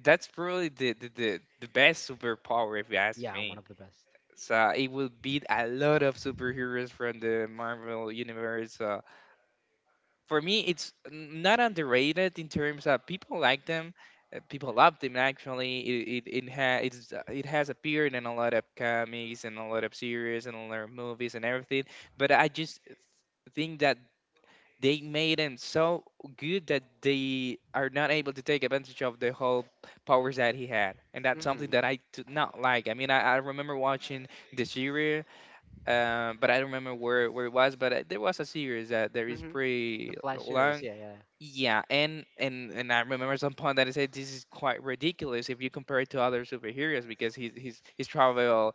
that's probably the the, the, the best superpower if you ask
Yeah, one
me.
of the best.
So it will beat a lot of superheroes from the Marvel universe. Uh, for me it's not underrated in terms of people like them. Uh, people love them, actually. It it, it, ha- it's, uh, it has appeared in a lot of comics and a lot of series and a lot of movies and everything, but I just think that they made him so good that they are not able to take advantage of the whole powers that he had, and that's something
Mhm.
that I did not like. I mean I, I remember watching the series um, but I don't remember where, where it was. But uh, there was a series that there is
Mm-hmm. The
pretty
Flash series,
long,
yeah, yeah.
yeah, and and and I remember some point that I said this is quite ridiculous if you compare it to other superheroes because his his his travel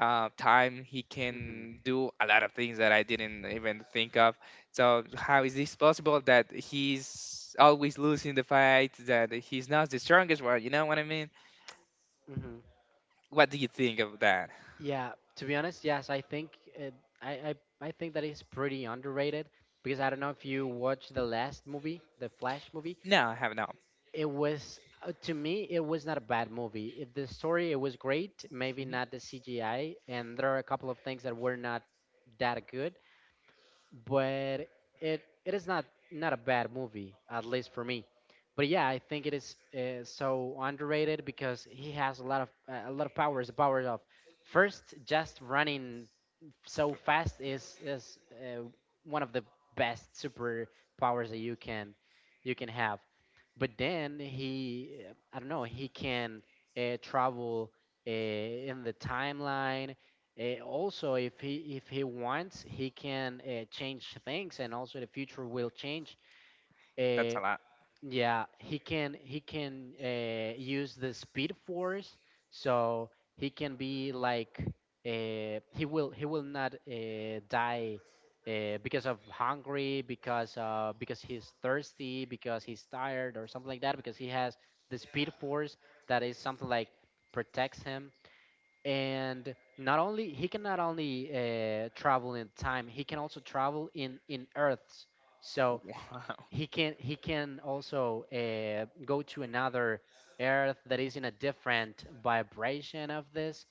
uh, time, he
Mm-hmm.
can do a lot of things that I didn't even think of. So how is this possible that he's always losing the fight, that he's not the strongest one? You know what I mean?
Mm-hmm.
What do you think of that?
Yeah, to be honest, yes, I think it, I, I I think that is pretty underrated because I don't know if you watched the last movie, the Flash movie.
No, I have not.
It was uh, to me, it was not a bad movie. It, the story it was great, maybe
Hmm.
not the C G I, and there are a couple of things that were not that good, but it it is not not a bad movie, at least for me. But yeah, I think it is uh, so underrated because he has a lot of uh, a lot of powers. The powers of first, just running so fast is is uh, one of the best super powers that you can you can have. But then he, uh, I don't know, he can uh, travel uh, in the timeline. Uh, also, if he if he wants, he can uh, change things, and also the future will change.
That's
Uh,
a lot.
yeah, he can he can uh, use the speed force, so he can be like, uh, he will he will not uh, die uh, because of hungry, because uh, because he's thirsty, because he's tired or something like that, because he has the speed force that is something like protects him. And not only he can, not only uh, travel in time, he can also travel in in earths, so
Wow.
he can he can also uh, go to another earth that is in a different vibration of this.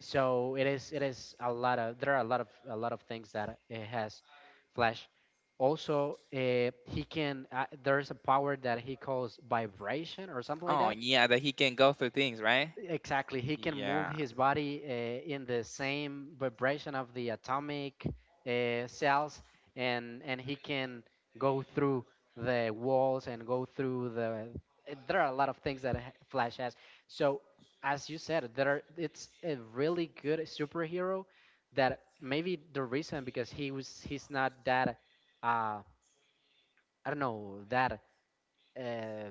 So it is it is a lot of, there are a lot of a lot of things that it has, Flash. Also uh, he can, uh, there's a power that he calls vibration or something like
Oh
that.
yeah, that he can go through things, right?
Exactly. He can move
Yeah.
his body uh, in the same vibration of the atomic uh, cells, and and he can go through the walls and go through the. Eh, there are a lot of things that ha- Flash has. So, as you said, there it's a really good superhero. That maybe the reason because he was he's not that uh, I don't know, that uh,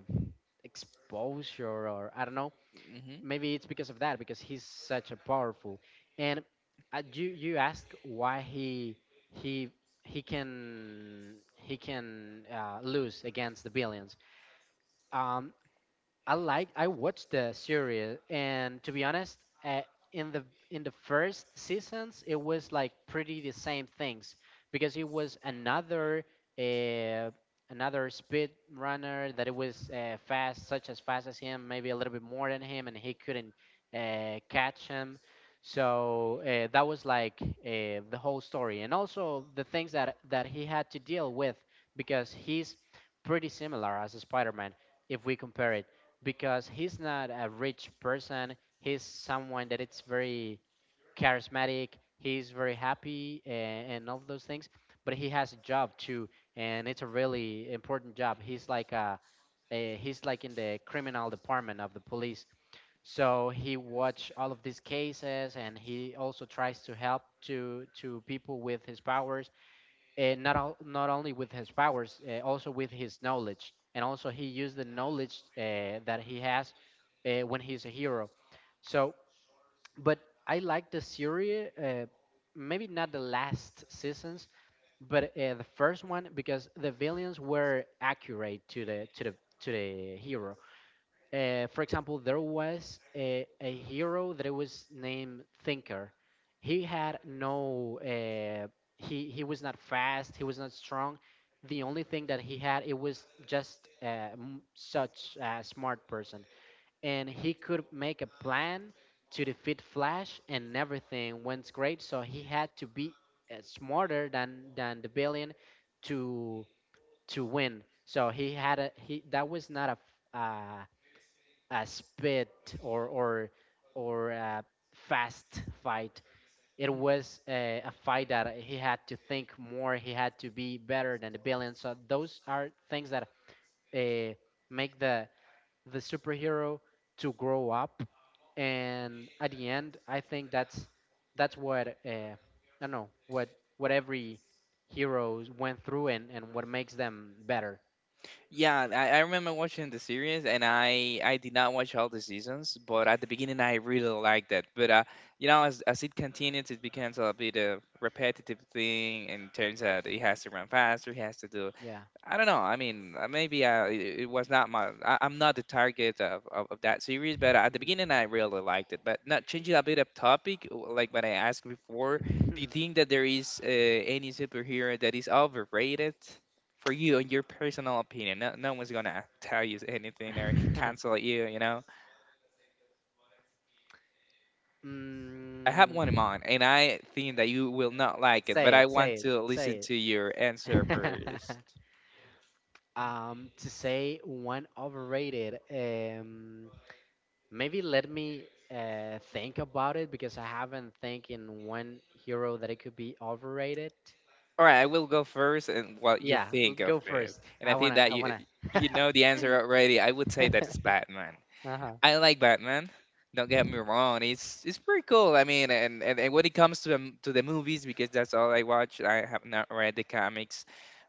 exposure or I don't know,
Hmm.
maybe it's because of that, because he's such a powerful and uh, you you ask why he he he can he can uh, lose against the billions. um, I like, I watched the series, and to be honest, uh, in the in the first seasons, it was like pretty the same things because it was another uh, another speed runner that it was uh, fast, such as fast as him, maybe a little bit more than him, and he couldn't uh, catch him. So uh, that was like uh, the whole story, and also the things that that he had to deal with because he's pretty similar as a Spider-Man if we compare it, because he's not a rich person. He's someone that it's very charismatic. He's very happy and, and all those things. But he has a job too, and it's a really important job. He's like a, a, he's like in the criminal department of the police. So he watch all of these cases, and he also tries to help to to people with his powers, and not al- not only with his powers, uh, also with his knowledge, and also he used the knowledge uh, that he has uh, when he's a hero. So, but I like the series, uh, maybe not the last seasons, but uh, the first one because the villains were accurate to the to the to the hero uh, for example, there was a, a hero that was named Thinker. He had no, uh, he he was not fast. He was not strong. The only thing that he had it was just uh, m- such a smart person, and he could make a plan to defeat Flash, and everything went great. So he had to be uh, smarter than than the billion to to win. So he had a he that was not a f- uh, a spit or or or a fast fight. It was a, a fight that he had to think more. He had to be better than the villain. So those are things that uh, make the the superhero to grow up. And at the end, I think that's that's what uh, I don't know, what what every heroes went through, and, and what makes them better.
Yeah, I, I remember watching the series, and I I did not watch all the seasons, but at the beginning I really liked it. But uh, you know, as as it continues, it becomes a bit of repetitive thing in terms that he has to run faster, he has to do
Yeah.
I don't know. I mean, uh, maybe I, it it was not my. I, I'm not the target of, of, of that series, but at the beginning I really liked it. But not changing a bit of topic, w- like what I asked before. Do
Mhm.
you think that there is uh, any superhero that is overrated for you, in your personal opinion? No, no one's gonna tell you anything or cancel you. You know, I have
mm,
one in mind, and I think that you will not like it. But
Say
I
it, say
want
it,
to
say
listen to your answer
it.
first.
Um, to say one overrated, um, maybe let me uh, think about it because I haven't think in one hero that it could be overrated.
All right, I will go first and what you
Yeah, l-
think of
go
it.
first.
And I
I
think
wanna,
that
I
you
wanna.
you know the answer already. I would say that it's Batman.
uh-huh.
I like Batman. Don't get me wrong. It's it's pretty cool. I mean, and, and, and when it comes to the, to the movies, because that's all I watch. I have not read the comics.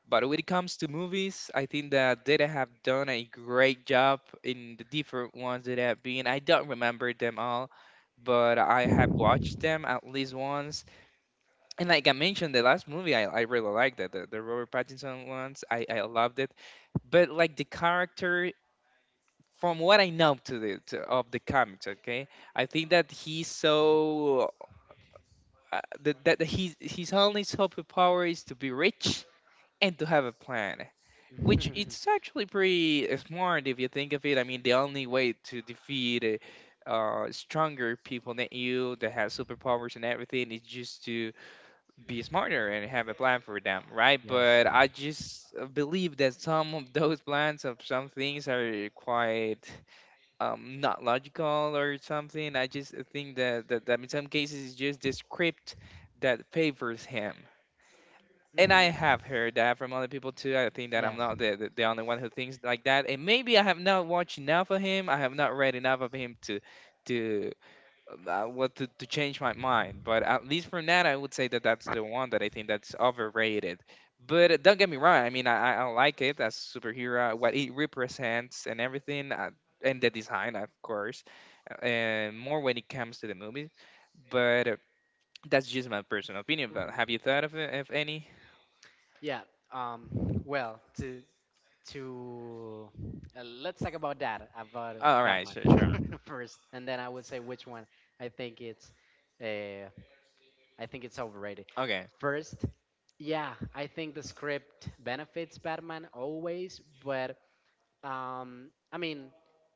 But when it comes to movies, I think that they have done a great job in the different ones that have been. I don't remember them all, but I have watched them at least once, and like I mentioned, the last movie, I, I really liked it, the, the Robert Pattinson ones. I, I loved it. But like the character, from what I know to the to, of the comics, okay, I think that he's so uh, that that he's his only superpower is to be rich and to have a plan. Which it's actually pretty smart if you think of it. I mean, the only way to defeat uh, uh, stronger people than you that have superpowers and everything is just to be smarter and have a plan for them, right?
Yes.
But I just uh, believe that some of those plans of some things are quite um, not logical or something. I just think that, that, that in some cases it's just the script that favors him. And I
Hmm.
have heard that from other people too. I think that I'm
Yes.
not the, the, the only one who thinks like that. And maybe I have not watched enough of him. I have not read enough of him to to uh, what to, to change my mind, but at least for now I would say that that's the one that I think that's overrated. But uh, don't get me wrong, I mean i, I I like it as superhero, what it represents and everything, uh, and the design of course, uh, and more when it comes to the movies. But uh, that's just my personal opinion. But
Hmm.
have you thought of, it- of any?
Yeah. Um. Well, to to uh, let's talk about that, about
All right,
Batman
sure, sure,
first, and then I would say which one I think it's uh, I think it's overrated.
okay.
First, yeah, I think the script benefits Batman always, but um, I mean,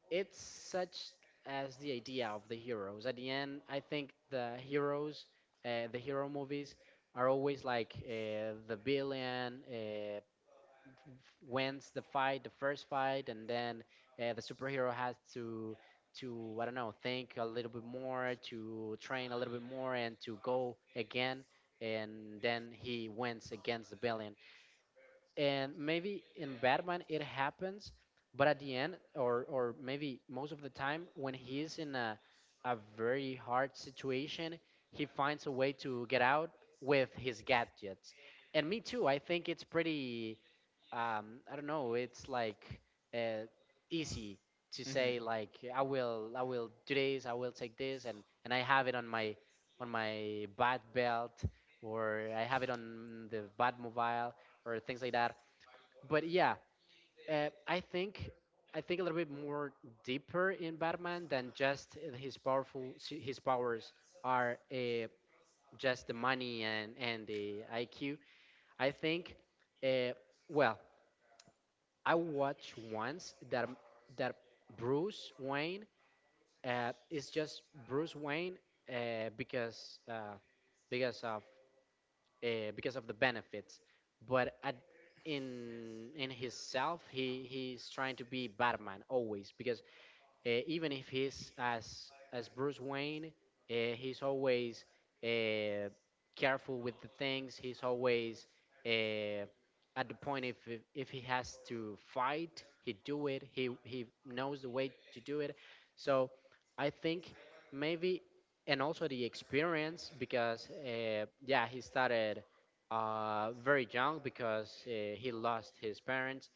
it's such as the idea of the heroes. At the end, I think the heroes, uh, the hero movies are always like uh, the villain. Uh, wins the fight, the first fight, and then uh, the superhero has to to I don't know, think a little bit more, to train a little bit more, and to go again, and then he wins against the villain. And maybe in Batman it happens, but at the end, or or maybe most of the time, when he is in a a very hard situation, he finds a way to get out with his gadgets. And me too. I think it's pretty. Um, I don't know. It's like uh, easy to
Hmm.
say, like, I will I will do this. I will take this, and and I have it on my on my bad belt, or I have it on the bad mobile or things like that. But yeah, uh, I think I think a little bit more deeper in Batman than just his powerful his powers are uh, just the money and and the I Q. I think, uh, well, I watched once that that Bruce Wayne uh, it's just Bruce Wayne uh, because uh, because of uh, because of the benefits, but at, in in his self he he's trying to be Batman always, because uh, even if he's as as Bruce Wayne, uh, he's always uh, careful with the things. He's always uh, at the point, if if if he has to fight, he do it. He he knows the way to do it. So I think, maybe, and also the experience, because uh, yeah, he started uh, very young, because uh, he lost his parents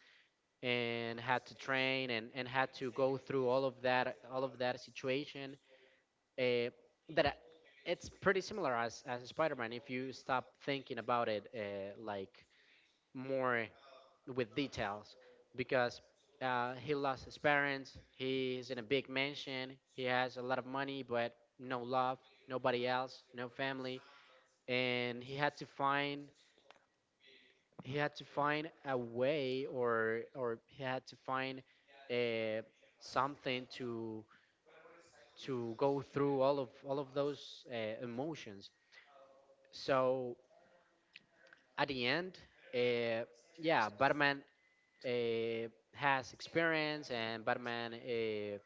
and had to train, and, and had to go through all of that all of that situation uh, that I- it's pretty similar as, as spider-man if you stop thinking about it, uh, like more with details, because uh, he lost his parents, he's in a big mansion, he has a lot of money but no love, nobody else, no family, and he had to find he had to find a way, or or he had to find uh, something to to go through all of all of those uh, emotions. So at the end, uh, yeah, batman uh, has experience, and batman uh,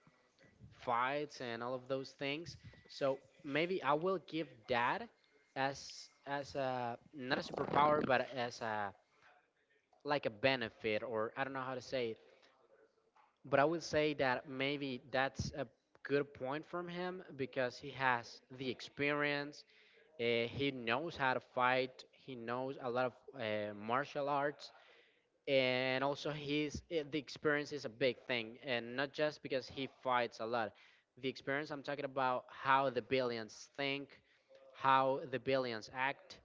fights and all of those things. So maybe I will give that as as a, not a superpower, but as a, like, a benefit, or I don't know how to say it. But I would say that maybe that's a good point from him because he has the experience. Uh, he knows how to fight. He knows a lot of uh, martial arts. And also his eh, the experience is a big thing. And not just because he fights a lot, the experience I'm talking about, how the billions think, how the billions act,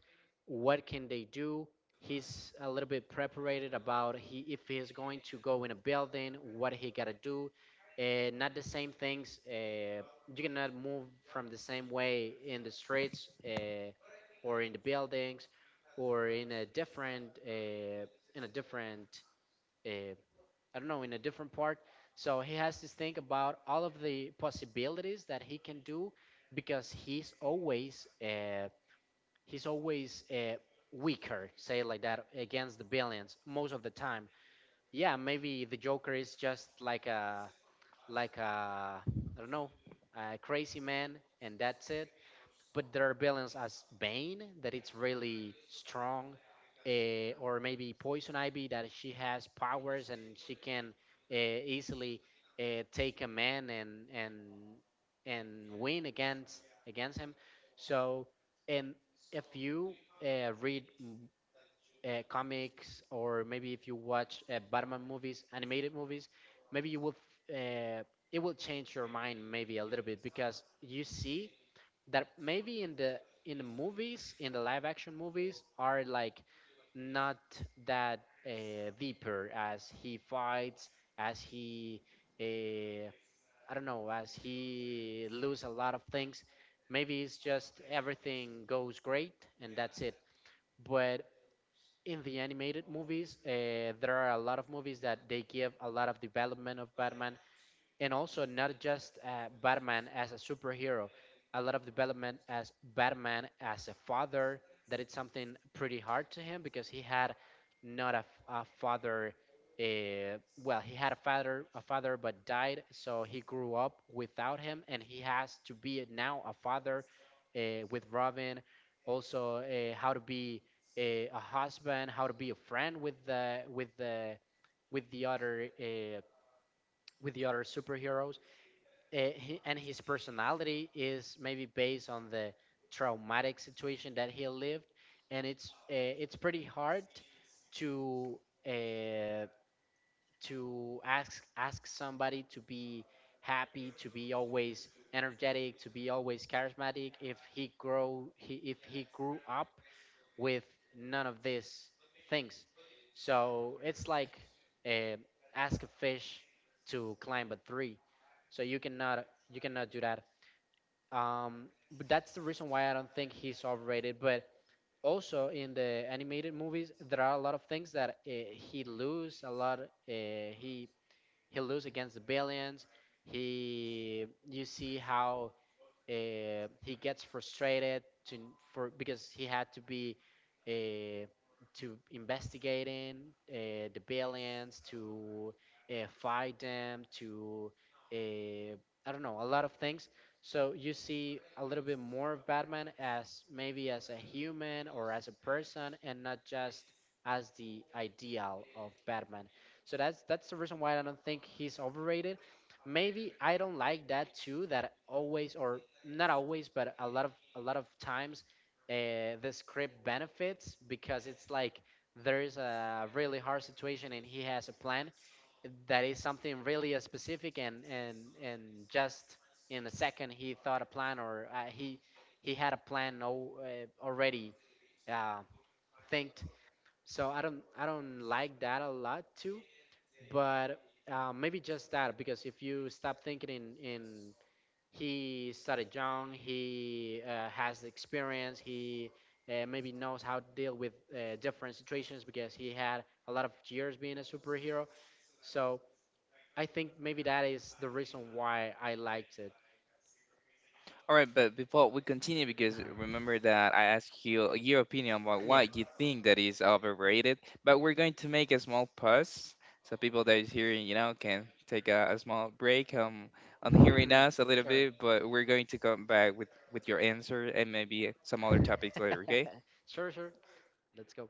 what can they do. He's a little bit prepared about, he, if he is going to go in a building, what he gotta do. And not the same things uh, You cannot move from the same way in the streets, uh, or in the buildings, or in a different, uh, in a different uh, I don't know, in a different part. So he has to think about all of the possibilities that he can do, because he's always uh, he's always uh, weaker, say it like that, against the villains most of the time. Yeah, maybe the Joker is just like a, like a I don't know, a crazy man, and that's it. But there are villains as Bane that it's really strong, uh, or maybe Poison Ivy, that she has powers and she can uh, easily uh, take a man, and and and win against against him. So, and if you uh, read m- uh, comics, or maybe if you watch uh, Batman movies, animated movies, maybe you will f- uh, it will change your mind maybe a little bit, because you see that maybe in the in the movies, in the live action movies, are like not that uh, deeper, as he fights, as he uh, I don't know, as he lose a lot of things, maybe it's just everything goes great and that's it. But in the animated movies, uh, there are a lot of movies that they give a lot of development of Batman, and also not just uh, Batman as a superhero, a lot of development as Batman as a father. That it's something pretty hard to him, because he had not a, f- a father. Uh, well, he had a father, a father, but died, so he grew up without him, and he has to be now a father uh, with Robin. Also, uh, how to be a, a husband, how to be a friend with the with the with the other uh, with the other superheroes uh, he, And his personality is maybe based on the traumatic situation that he lived, and it's uh, it's pretty hard to uh, to ask ask somebody to be happy, to be always energetic, to be always charismatic, if he grow he, if he grew up with none of these things. So it's like, uh, ask a fish to climb a tree. So you cannot you cannot do that. Um, but that's the reason why I don't think he's overrated. But also in the animated movies, there are a lot of things that uh, he lose a lot. Uh, he he lose against the billions. He You see how uh, he gets frustrated, to for because he had to be uh, to investigating uh, the billions, to uh, fight them, to uh, I don't know, a lot of things. So you see a little bit more of Batman, as maybe as a human or as a person, and not just as the ideal of Batman. So that's that's the reason why I don't think he's overrated. Maybe I don't like that too, that always, or not always, but a lot of a lot of times, uh, the script benefits, because it's like there is a really hard situation and he has a plan that is something really uh, specific, and and and just in a second he thought a plan, or uh, he he had a plan al- uh, already uh, thinked. So I don't I don't like that a lot too, but uh, maybe just that, because if you stop thinking in in he started young, he uh, has the experience, he uh, maybe knows how to deal with uh, different situations, because he had a lot of years being a superhero. So I think maybe that is the reason why I liked it.
All right, but before we continue, because
Uh-huh.
remember that I asked you your opinion about
Yeah.
what you think that is overrated, but we're going to make a small pause so people that is hearing, you know, can take a, a small break um, on hearing us a little
Sure.
bit, but we're going to come back with, with your answer and maybe some other topics later, okay?
Sure, sure, let's go.